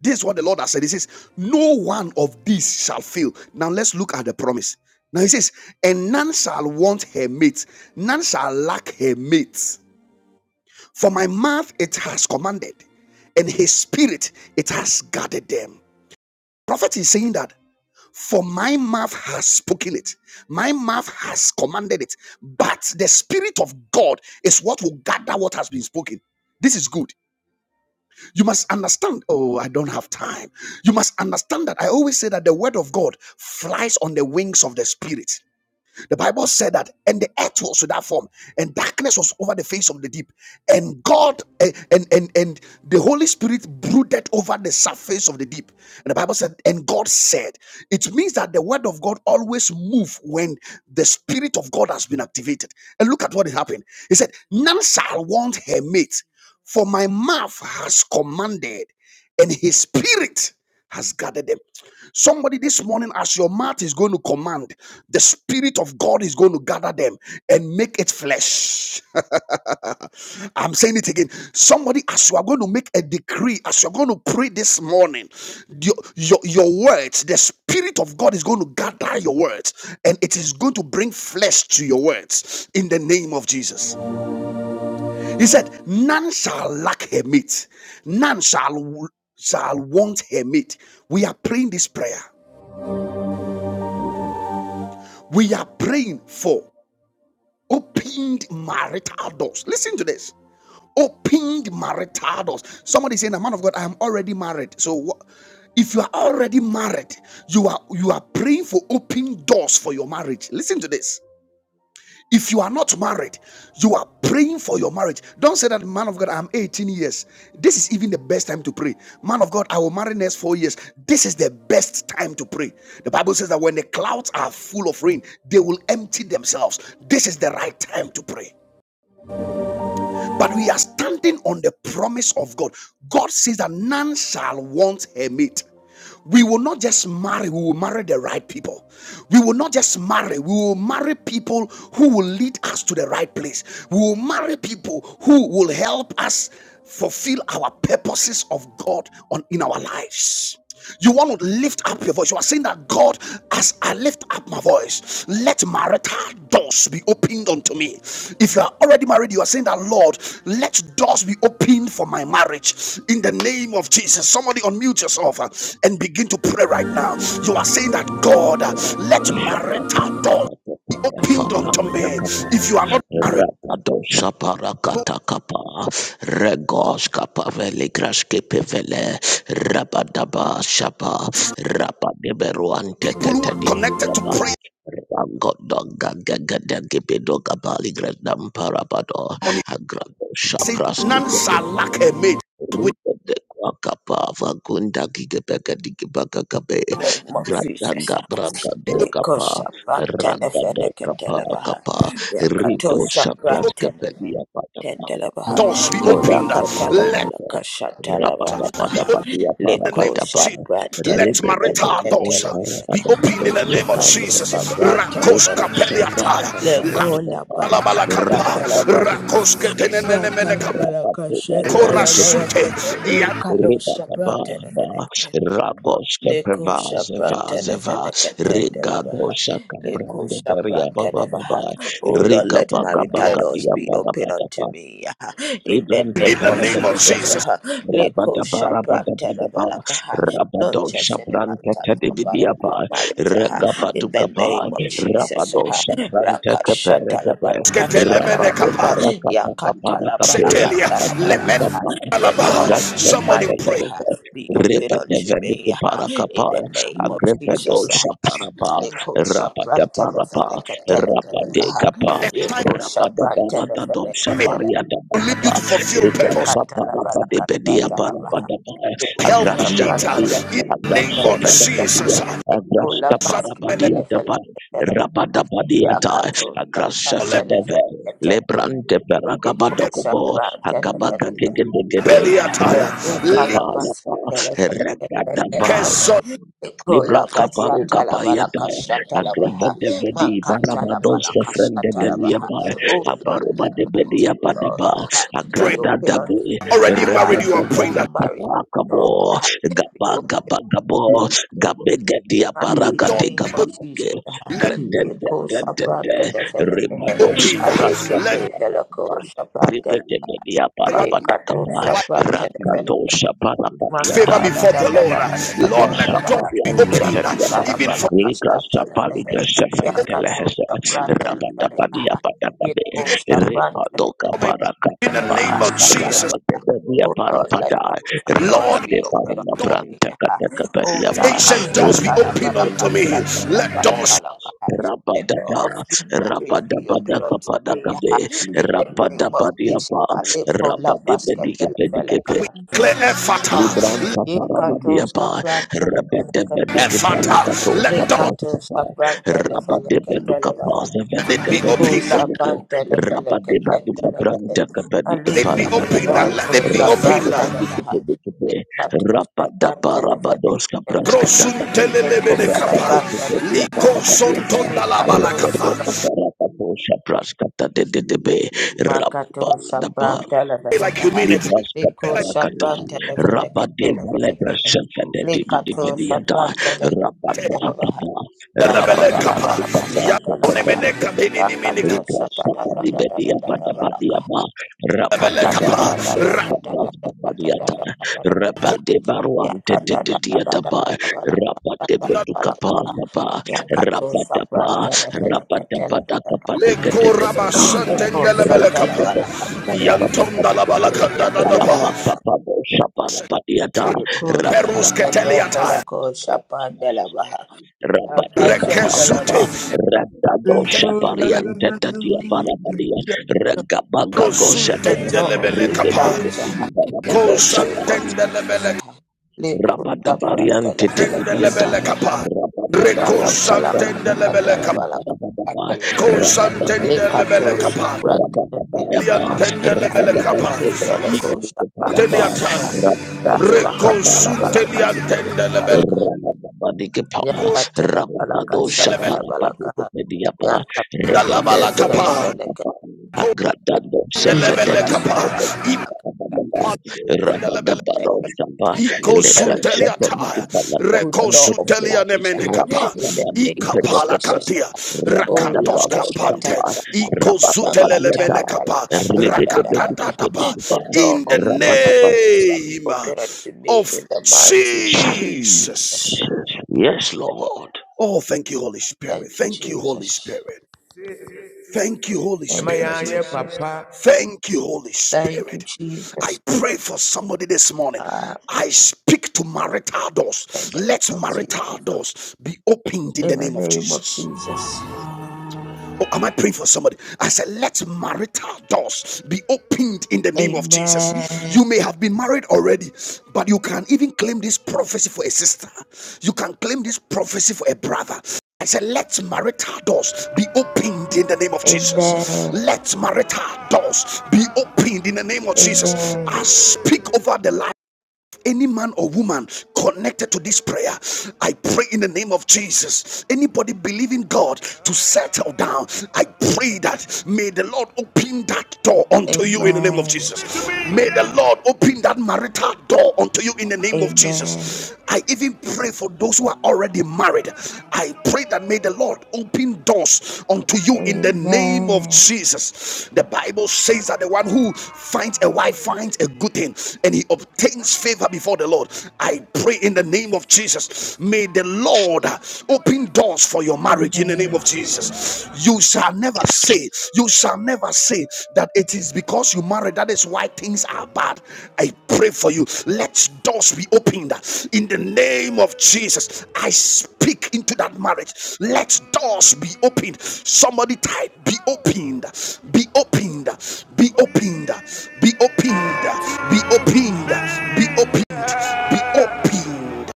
Speaker 1: This is what the Lord has said. He says, No one of these shall fail. Now let's look at the promise. Now he says, And none shall want her mate, none shall lack her mate. For my mouth it has commanded, and his spirit it has guarded them. Prophet is saying that For my mouth has spoken it, my mouth has commanded it, but the Spirit of God is what will gather what has been spoken. This is good. You must understand. Oh, I don't have time. You must understand that I always say that the word of God flies on the wings of the Spirit. The Bible said that, and the earth was without form, and darkness was over the face of the deep, and God eh, and and and the Holy Spirit brooded over the surface of the deep. And the Bible said, and God said, it means that the word of God always moves when the Spirit of God has been activated. And look at what happened. He said, none shall want her mate, for my mouth has commanded and his spirit has gathered them. Somebody this morning, as your mouth is going to command, the spirit of God is going to gather them and make it flesh. I'm saying it again. Somebody, as you are going to make a decree, as you're going to pray this morning, your, your, your words, the spirit of God is going to gather your words and it is going to bring flesh to your words in the name of Jesus. He said, None shall lack her meat, none shall, shall want her meat. We are praying this prayer. We are praying for opened marital doors. Listen to this. Opened marital doors. Somebody saying, "The man of God, I am already married." So, if you are already married, you are you are praying for open doors for your marriage. Listen to this. If you are not married, you are praying for your marriage. Don't say that, man of God, I'm 18 years. This is even the best time to pray. Man of God, I will marry next four years. This is the best time to pray. The Bible says that when the clouds are full of rain, they will empty themselves. This is the right time to pray. But we are standing on the promise of God. God says that none shall want her mate. We will not just marry, we will marry the right people. We will not just marry, we will marry people who will lead us to the right place. We will marry people who will help us fulfill our purposes of God on in our lives. You want to lift up your voice. You are saying that God, as I lift up my voice, let marital doors be opened unto me. If you are already married, you are saying that Lord, let doors be opened for my marriage in the name of Jesus. Somebody unmute yourself uh, and begin to pray right now. You are saying that God, uh, let marital doors be opened unto me. If you are not married,
Speaker 2: Rapadosha parakata kapa regos kapa veli graske pevele rabadaba shapa rapadeberuante
Speaker 1: people who are
Speaker 2: tetedi
Speaker 1: connected to
Speaker 2: budaba
Speaker 1: prayer.
Speaker 2: ragodoga gegede gibido gradam gredam parabado
Speaker 1: on.
Speaker 2: agrado
Speaker 1: says,
Speaker 2: shapraski
Speaker 1: None shall
Speaker 2: pevele
Speaker 1: lack a mate. We
Speaker 2: Kapava Gunda Gigabeka Digibaka Kabe
Speaker 3: name of
Speaker 2: Grada
Speaker 3: Jesus.
Speaker 2: gabra
Speaker 1: be
Speaker 2: gado
Speaker 1: open,
Speaker 3: Liko
Speaker 2: Kapa
Speaker 3: shaprantene
Speaker 2: Randa do Kapa
Speaker 3: feneketelebaha.
Speaker 2: Kapa
Speaker 3: Yakato
Speaker 2: Rito
Speaker 1: be
Speaker 2: Shapras
Speaker 1: open,
Speaker 3: shaprantene
Speaker 2: Kapelia Patapa
Speaker 3: feneketelebaha.
Speaker 1: doors be
Speaker 3: Ola
Speaker 1: opened.
Speaker 2: Libran Kapara
Speaker 1: Let
Speaker 3: katalabala
Speaker 2: Kapa Rapada
Speaker 3: kashatalabala
Speaker 1: be
Speaker 2: Pada
Speaker 3: kaha.
Speaker 1: open
Speaker 2: Padia
Speaker 1: in
Speaker 2: Para
Speaker 1: the
Speaker 3: Liko
Speaker 1: name of
Speaker 2: Patapa
Speaker 1: Jesus. Let
Speaker 3: shaprantene
Speaker 2: Ribede
Speaker 1: marital
Speaker 2: Babin
Speaker 1: doors
Speaker 2: Para
Speaker 3: feneketelebele
Speaker 1: be
Speaker 3: kaha.
Speaker 2: Patapa
Speaker 1: open
Speaker 2: do
Speaker 1: in the name of
Speaker 2: Shapran
Speaker 3: Yakato
Speaker 1: Jesus.
Speaker 2: Kapapa
Speaker 3: shaprantene
Speaker 1: Rakos
Speaker 2: Lika
Speaker 3: fenekehe.
Speaker 1: kapeliataya.
Speaker 2: Shapras Kapara
Speaker 1: La-
Speaker 3: Liko la
Speaker 2: Patapa
Speaker 3: bala
Speaker 1: alabalakapa.
Speaker 2: Rapada
Speaker 3: kashatalabala.
Speaker 2: Baru
Speaker 1: Rakos ketenenenemenekapa.
Speaker 3: Ratalabala
Speaker 2: Rapada Baru
Speaker 3: kashatalabala
Speaker 2: Antetu
Speaker 1: Korasute.
Speaker 3: kaha.
Speaker 1: Ya-
Speaker 3: Ikalo
Speaker 2: Ribababa,
Speaker 3: shaprantene
Speaker 2: Raboshka
Speaker 3: Leku
Speaker 2: Prevazeva
Speaker 3: shabranta
Speaker 2: Zeva, Riga
Speaker 3: nevenekatendelevaha.
Speaker 2: Boshaka
Speaker 3: Leku
Speaker 2: Branda Beria
Speaker 3: shabranta
Speaker 2: Baba Baba,
Speaker 3: nevaha. Oh Lord,
Speaker 2: Riga
Speaker 3: let
Speaker 2: Baga
Speaker 3: marital
Speaker 1: Lord,
Speaker 2: baba
Speaker 3: doors
Speaker 2: Dia
Speaker 3: be open unto me ah, in the
Speaker 2: Librante
Speaker 1: In
Speaker 3: name
Speaker 1: the
Speaker 3: of
Speaker 1: name of
Speaker 3: Jesus.
Speaker 2: Peregadagada,
Speaker 1: Jesus.
Speaker 3: ah. Leku
Speaker 2: Rabadaba
Speaker 3: shabranta
Speaker 2: Rabadabadaba,
Speaker 3: nevalakaha. No
Speaker 2: Rabado
Speaker 3: church in the
Speaker 2: Shabrante
Speaker 3: marital door, but a good
Speaker 2: Tedibidiaba,
Speaker 3: marriage ah, in the
Speaker 2: Regabadukapa,
Speaker 3: name of Jesus.
Speaker 2: Rabado
Speaker 3: ah.
Speaker 2: Shabrante Keperegade, Rabado
Speaker 3: Rakashatalabalakashatalabaha.
Speaker 1: Ketelemenekapa.
Speaker 2: Barakapa Kapanakape,
Speaker 1: Setelia. Lemen-
Speaker 3: Yakatalabalakatalabakaha.
Speaker 2: Agasapa,
Speaker 3: The door
Speaker 1: alaba.
Speaker 3: of good
Speaker 2: Agasapa
Speaker 1: Somebody
Speaker 3: marriage
Speaker 1: pray.
Speaker 3: ah,
Speaker 2: Tebedeve,
Speaker 3: be open unto me.
Speaker 2: Repadevediki
Speaker 3: In
Speaker 2: Parakapa,
Speaker 3: the name of
Speaker 2: Agrevedo
Speaker 3: Jesus,
Speaker 2: Shaparapa,
Speaker 3: Yeko Shapran
Speaker 2: Rapataparapa,
Speaker 3: Telefeleke Telefelekaha,
Speaker 2: Rapadekapa,
Speaker 1: The time
Speaker 3: Yeko Shapran
Speaker 2: Rapadaparatada
Speaker 3: Telefeleke
Speaker 1: may
Speaker 3: Telefelekaha,
Speaker 1: lead you
Speaker 2: Shapariatapadapa,
Speaker 1: to fulfill purpose.
Speaker 3: Lekatalabalaka
Speaker 2: Ligrasaparapadepedia
Speaker 3: Talabaha,
Speaker 2: Parapadapa,
Speaker 3: Yeko
Speaker 1: help me
Speaker 3: Shapran
Speaker 1: uh,
Speaker 2: Agrasapadia,
Speaker 1: in
Speaker 3: Telefeleke
Speaker 1: the name of
Speaker 3: Telefelekaha,
Speaker 2: Agrasafedapadia,
Speaker 1: Jesus. uh,
Speaker 3: Yeko Labaske
Speaker 5: Thank you.
Speaker 2: Agrastaparapadia Tapa,
Speaker 3: Telefeleke Telefelekaha,
Speaker 2: Rapadapadiata,
Speaker 3: Yakato Shapran
Speaker 2: Agrasafedeve.
Speaker 3: Telefeleke Telefelekaha,
Speaker 2: Lebrante
Speaker 3: Yeko
Speaker 2: peragabadokobo
Speaker 3: Shapran Telefeleka
Speaker 2: agabagagegegege
Speaker 3: Oh Lord,
Speaker 2: rapatapa
Speaker 3: let
Speaker 2: lapa Libra kaparo kapayata agrava de vedi barava dos de frende de diapa aparoba de
Speaker 3: marriage
Speaker 2: bedia
Speaker 3: adore
Speaker 2: padaba
Speaker 3: her. Be
Speaker 2: agrada
Speaker 3: open
Speaker 2: da be
Speaker 3: unto me,
Speaker 1: Already
Speaker 3: her.
Speaker 1: married, you
Speaker 2: repete
Speaker 1: are
Speaker 2: de
Speaker 1: praying
Speaker 3: Good
Speaker 2: de
Speaker 1: that
Speaker 3: marriage
Speaker 2: kapa kabo
Speaker 3: adore her. Be
Speaker 2: gaba
Speaker 3: open
Speaker 2: gaba gabo gabe gedia
Speaker 3: unto the
Speaker 2: baraga
Speaker 1: door
Speaker 2: de
Speaker 3: name
Speaker 1: be
Speaker 3: of
Speaker 2: gaba
Speaker 1: open.
Speaker 3: Jesus.
Speaker 2: ge
Speaker 3: ah.
Speaker 1: Let
Speaker 2: grede de
Speaker 3: Yeko
Speaker 2: de de de
Speaker 3: sabrante de
Speaker 1: it be
Speaker 2: rimados
Speaker 3: feleke.
Speaker 1: opened. uh,
Speaker 2: prasta
Speaker 1: Let
Speaker 3: Alekete feleko
Speaker 2: paraba
Speaker 3: sabrante.
Speaker 2: de media
Speaker 1: the
Speaker 2: para
Speaker 1: one
Speaker 3: Lekato
Speaker 2: patakapa,
Speaker 1: the wife
Speaker 3: sabrante de feleke.
Speaker 2: rakatosha para patiata,
Speaker 1: favor
Speaker 3: Makatala
Speaker 1: before
Speaker 3: da
Speaker 1: the
Speaker 3: da
Speaker 1: Lord.
Speaker 3: da
Speaker 1: uh,
Speaker 3: da da da da
Speaker 1: Lord,
Speaker 3: da da
Speaker 2: Ligrasha
Speaker 1: let door
Speaker 3: baha.
Speaker 2: pali
Speaker 1: be opened.
Speaker 2: anketa
Speaker 1: uh,
Speaker 2: diaba,
Speaker 3: Yakatala
Speaker 1: Even for
Speaker 3: balakasta
Speaker 2: ligrasha pali
Speaker 3: telebehe.
Speaker 2: grasha
Speaker 1: me,
Speaker 3: Yakato
Speaker 2: fentelehese,
Speaker 3: sabran
Speaker 2: rapata padi
Speaker 3: telebelebaha.
Speaker 2: apata pabe,
Speaker 3: Biko sabran
Speaker 2: repa doka
Speaker 1: my
Speaker 2: para
Speaker 1: in the
Speaker 2: katapa,
Speaker 1: name of
Speaker 3: telebelekasa
Speaker 1: Jesus.
Speaker 3: telebaha.
Speaker 2: repete dia
Speaker 3: Oh
Speaker 2: para
Speaker 3: Lord, let
Speaker 2: Librasapaliantetadiaba,
Speaker 3: my
Speaker 2: Ligrasapaligrasefentelehese, Rapatapadiapadapabe, Ripadokaparatatapa,
Speaker 3: front
Speaker 2: Repetepediaparapada,
Speaker 3: doors
Speaker 1: Lord,
Speaker 3: be open
Speaker 1: God,
Speaker 3: unto me. ha. Oh la
Speaker 2: Rapadeparapaprantakatepediapa,
Speaker 1: ancient
Speaker 3: kasta
Speaker 1: doors be opened unto me.
Speaker 3: telebalakasta
Speaker 1: Let doors
Speaker 3: telebelekalakaha. The door
Speaker 2: Repeduketeparatapa,
Speaker 3: of good marriage be
Speaker 2: Rapadapa,
Speaker 3: open unto me.
Speaker 2: Rapadabadakapadakabe,
Speaker 3: ha.
Speaker 5: Thank you.
Speaker 3: In the name of Jesus,
Speaker 2: Rapadabadiapa,
Speaker 3: I live for la basket
Speaker 2: Rapadepedikepedikepe,
Speaker 1: we
Speaker 3: telebelekaha.
Speaker 1: clear effort. uh,
Speaker 2: Libran
Speaker 1: Let
Speaker 3: Ikato
Speaker 2: Taparabadia Pa,
Speaker 3: sapranta
Speaker 2: Rebede
Speaker 3: lefeleketele.
Speaker 2: Bedic
Speaker 1: effort. uh,
Speaker 2: Panacato,
Speaker 1: Let doors
Speaker 2: Sabras
Speaker 3: Likato
Speaker 2: Capa,
Speaker 3: sapranta
Speaker 2: Rabade
Speaker 3: lefeleketele
Speaker 2: Beduca
Speaker 3: baha.
Speaker 2: Paz,
Speaker 1: Let it
Speaker 2: Vedeca
Speaker 1: be
Speaker 2: Pedi,
Speaker 3: Iko
Speaker 1: open. Let
Speaker 3: sapranta
Speaker 2: Rabade Baduca
Speaker 3: lefeleketele levehe.
Speaker 2: Pranta Capedi,
Speaker 1: it be
Speaker 3: Alikiti
Speaker 1: open.
Speaker 2: Parabadaba,
Speaker 3: feleko
Speaker 1: Let it be open.
Speaker 2: Rapade
Speaker 3: sapranta
Speaker 2: Bedic
Speaker 3: levaha.
Speaker 2: Pedic,
Speaker 3: Likato
Speaker 2: Rapada
Speaker 3: sapranta
Speaker 2: Parabados
Speaker 3: lefeleketele
Speaker 2: Capras
Speaker 3: levehe.
Speaker 2: Catacati,
Speaker 3: Liko
Speaker 1: Prosuntelelebene kapa.
Speaker 2: Rabade
Speaker 3: sapranta
Speaker 2: Pedia
Speaker 3: levaha.
Speaker 2: Padababiata,
Speaker 1: Likonsontonda
Speaker 3: Likato
Speaker 2: Rebede
Speaker 3: sapranta
Speaker 2: Paracato, Sabras Cata de Debe,
Speaker 3: Makato
Speaker 2: Rabba.
Speaker 3: sapranta
Speaker 1: Like you
Speaker 3: lefelekaha.
Speaker 1: mean it.
Speaker 2: Libras
Speaker 3: Liko
Speaker 1: Like
Speaker 2: Paparakata
Speaker 3: sapranta lefeleketele
Speaker 2: Rabadeva Lebra
Speaker 3: levehe.
Speaker 2: Shakada
Speaker 3: Likato
Speaker 2: Digediata
Speaker 3: sapranta lefeleketele levehe.
Speaker 2: Rabadakata
Speaker 1: the lebele
Speaker 3: Yakatala
Speaker 2: Rabadeva
Speaker 1: kapa.
Speaker 3: Balakasatala Baha.
Speaker 1: Yakonemene katini ni mini
Speaker 3: Yakata
Speaker 1: kapa.
Speaker 2: Rabba
Speaker 3: Sakata da da da da da da da Balaka.
Speaker 1: Lebele
Speaker 3: Makata
Speaker 1: kapa.
Speaker 3: da da da da da da da da da da da da da
Speaker 1: Rakonda
Speaker 3: Baha. Yakata da da da da da da Balaka Balaka. Yakato Sabranta Refanakatala Balaka.
Speaker 1: le koraba
Speaker 3: Liko
Speaker 1: santende
Speaker 3: Satala Balaka.
Speaker 1: la bala kanda da da ba.
Speaker 3: Yakatala Balaka. Liko Lakasate Felako Shapandala Baha.
Speaker 2: Rabadeka
Speaker 3: Akasha
Speaker 2: Pakapa
Speaker 1: Rekezute.
Speaker 3: Kalabaha.
Speaker 2: Radado Shapariante Tatia Parapadia Regabaga
Speaker 3: the
Speaker 2: Gosape
Speaker 1: Prosuntende
Speaker 3: door of
Speaker 1: lebele
Speaker 3: good marriage ah, in the
Speaker 2: Ribabado
Speaker 3: name of Jesus.
Speaker 1: Kosantendelebele
Speaker 3: ah. Likuta
Speaker 2: Rabadabarian
Speaker 3: pratele vele
Speaker 2: Tititibiata,
Speaker 3: ketele
Speaker 1: tendelebele
Speaker 3: baha.
Speaker 1: kapa.
Speaker 3: Ikala
Speaker 2: Rabadabarosa
Speaker 3: bala
Speaker 2: Santa
Speaker 1: Rekosantendelebele
Speaker 3: katele
Speaker 1: kapa.
Speaker 3: bala
Speaker 2: Rabadaba,
Speaker 3: katele vehe.
Speaker 2: Rabadababa,
Speaker 1: Kosantendelebele
Speaker 3: Likato
Speaker 1: kapa.
Speaker 3: shapratele vele.
Speaker 2: Rabadababa,
Speaker 1: Diantendelebele kapa.
Speaker 3: Alikete vele ko
Speaker 2: Rabadababa,
Speaker 3: shapratele
Speaker 1: Iteliata.
Speaker 3: baha.
Speaker 2: Rabado
Speaker 3: Rasta
Speaker 5: Thank
Speaker 2: Sapa,
Speaker 3: katele
Speaker 5: you.
Speaker 3: bala kasha bala
Speaker 1: Rekosuteliantendelebele.
Speaker 3: kaha.
Speaker 2: Rabadabadikapa,
Speaker 3: Yakatele bala
Speaker 2: Rabado
Speaker 3: kasha
Speaker 2: Sapa,
Speaker 1: Kondelebele
Speaker 3: tele bala kaha.
Speaker 2: Rabadabadiapa,
Speaker 3: Yakatele bala
Speaker 1: ndalabala kapa.
Speaker 2: Rebededo
Speaker 3: katele vele
Speaker 2: Sapa, Agradado
Speaker 3: ketele.
Speaker 1: Kondelebele
Speaker 2: Sefededi,
Speaker 3: Kasha
Speaker 1: kapa.
Speaker 3: tele bala kaha.
Speaker 1: Ipa
Speaker 2: Rabadabaro Sapa,
Speaker 3: Let
Speaker 2: Ledra
Speaker 3: let- let her
Speaker 2: shata
Speaker 1: Ikosunteliata,
Speaker 3: have
Speaker 2: niki
Speaker 3: a
Speaker 2: palanda
Speaker 3: good
Speaker 2: pante
Speaker 3: door of
Speaker 2: kete.
Speaker 1: rekosutelia
Speaker 3: marriage ah,
Speaker 1: nemenekapa,
Speaker 2: Rabada
Speaker 3: in the
Speaker 2: badi
Speaker 3: name of
Speaker 2: upede
Speaker 1: ikapala
Speaker 2: kete.
Speaker 3: Jesus.
Speaker 1: kadia,
Speaker 3: Oh,
Speaker 2: Rabada
Speaker 3: la
Speaker 1: rakados
Speaker 2: baro
Speaker 3: kashata
Speaker 1: kapante,
Speaker 2: sapa.
Speaker 3: la la,
Speaker 2: Rabada
Speaker 3: la
Speaker 1: ikozutelele
Speaker 2: badiata.
Speaker 3: katala ba la
Speaker 1: menekapa,
Speaker 3: ka da
Speaker 2: Rebede
Speaker 3: da da da
Speaker 2: bedi
Speaker 3: da
Speaker 2: kete
Speaker 3: da.
Speaker 1: rakatatatapa.
Speaker 2: kete pa.
Speaker 3: the door
Speaker 1: In the
Speaker 3: of good
Speaker 2: Rabada ba.
Speaker 3: marriages shall be
Speaker 1: name
Speaker 3: opened unto me
Speaker 1: of
Speaker 3: in the mighty name of
Speaker 1: Jesus.
Speaker 2: Jesus.
Speaker 3: Jesus.
Speaker 2: Yes, Lord.
Speaker 1: Oh, thank you, Holy Spirit.
Speaker 3: Thank you,
Speaker 1: Thank you, Holy
Speaker 3: Jesus.
Speaker 1: Spirit. Thank you, Holy
Speaker 3: Thank
Speaker 1: Spirit.
Speaker 3: you, Jesus.
Speaker 1: Thank you, Holy
Speaker 3: Thank you,
Speaker 1: Spirit.
Speaker 3: Jesus.
Speaker 1: I pray for somebody this morning.
Speaker 3: Ah,
Speaker 1: I speak to marital
Speaker 3: in
Speaker 1: doors.
Speaker 3: the name
Speaker 1: Let
Speaker 3: of
Speaker 1: marital
Speaker 3: Jesus.
Speaker 1: doors be opened in
Speaker 3: In
Speaker 1: the
Speaker 3: the
Speaker 1: name of
Speaker 3: name of
Speaker 1: Jesus.
Speaker 3: Jesus.
Speaker 1: Oh, am I praying for somebody? I said, let marital doors be opened in the name of Jesus.
Speaker 3: Amen.
Speaker 1: You may have been married already, but you can even claim this prophecy for a sister. You can claim this prophecy for a brother. I said, let marital doors be opened in the name of Jesus.
Speaker 3: Amen.
Speaker 1: Let marital doors be opened in the name of Jesus.
Speaker 3: Amen.
Speaker 1: I speak over the life any man or woman connected to this prayer, I pray in the name of Jesus. Anybody believing God to settle down, I pray that may the Lord open that door unto you in the name of
Speaker 3: Amen.
Speaker 1: Jesus. May the Lord open that marital door unto you in the name of
Speaker 3: Amen.
Speaker 1: Jesus. I even pray for those who are already married. I pray that may the Lord open doors unto you in the name of
Speaker 3: Amen.
Speaker 1: Jesus. The Bible says that the one who finds a wife finds a good thing and he obtains favor before the Lord. I pray in the name of Jesus. May the Lord open doors for your marriage in the
Speaker 3: Amen.
Speaker 1: name of Jesus. You shall never say, you shall never say that it is because you married that is why things are bad. I pray for you. Let doors be opened in the name of Jesus. I speak into that marriage. Let doors be opened. Somebody type, be opened, be opened, be opened, be opened, be opened, be opened be opened.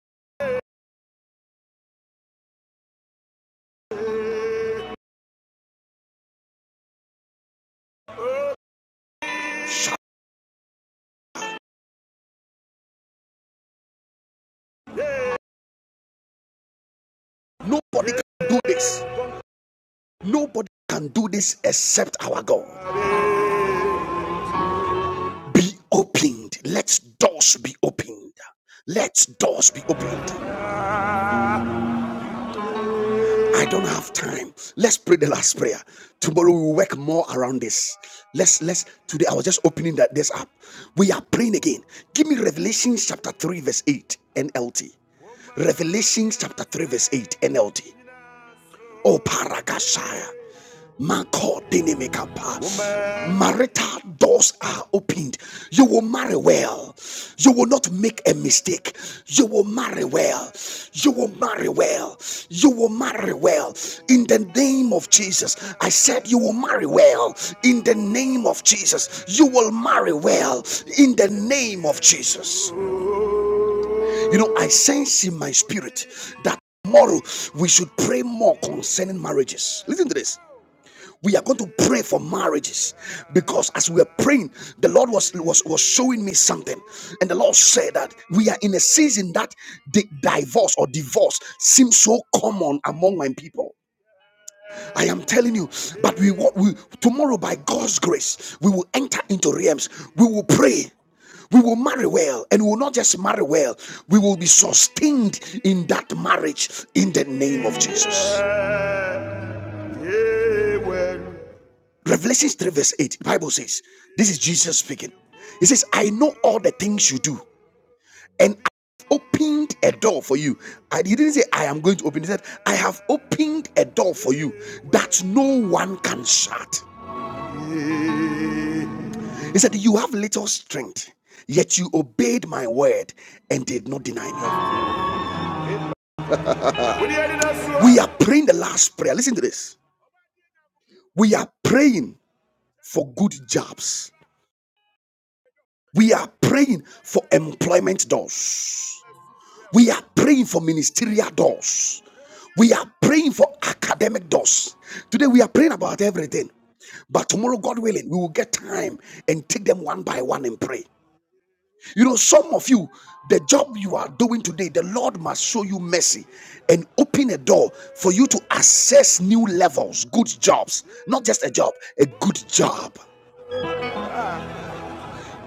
Speaker 1: Nobody can do this. Nobody can do this except our God. Be opened. Let doors be opened. Let doors be opened. I don't have time. Let's pray the last prayer. Tomorrow we will work more around this. Let's let's today. I was just opening that this up. We are praying again. Give me Revelation chapter 3, verse 8 NLT. Revelation chapter 3, verse 8 NLT. O Paragashaya. Mako dinimikapa. Marital doors are opened. You will marry well. You will not make a mistake. You will marry well. You will marry well. You will marry well. In the name of Jesus, I said you will marry well. In the name of Jesus, you will marry well. In the name of Jesus. You know, I sense in my spirit that tomorrow we should pray more concerning marriages. Listen to this. We are going to pray for marriages because as we are praying, the Lord was, was, was showing me something. And the Lord said that we are in a season that the divorce or divorce seems so common among my people. I am telling you, but we, wa- we tomorrow by God's grace, we will enter into realms. We will pray. We will marry well, and we will not just marry well. We will be sustained in that marriage in the name of Jesus. Amen. Revelation 3, verse 8, the Bible says, This is Jesus speaking. He says, I know all the things you do, and I have opened a door for you. I didn't say, I am going to open. He said, I have opened a door for you that no one can shut. He said, You have little strength, yet you obeyed my word and did not deny me. We are praying the last prayer. Listen to this. We are praying for good jobs. We are praying for employment doors. We are praying for ministerial doors. We are praying for academic doors. Today we are praying about everything. But tomorrow, God willing, we will get time and take them one by one and pray. You know, some of you, the job you are doing today, the Lord must show you mercy and open a door for you to access new levels, good jobs, not just a job, a good job.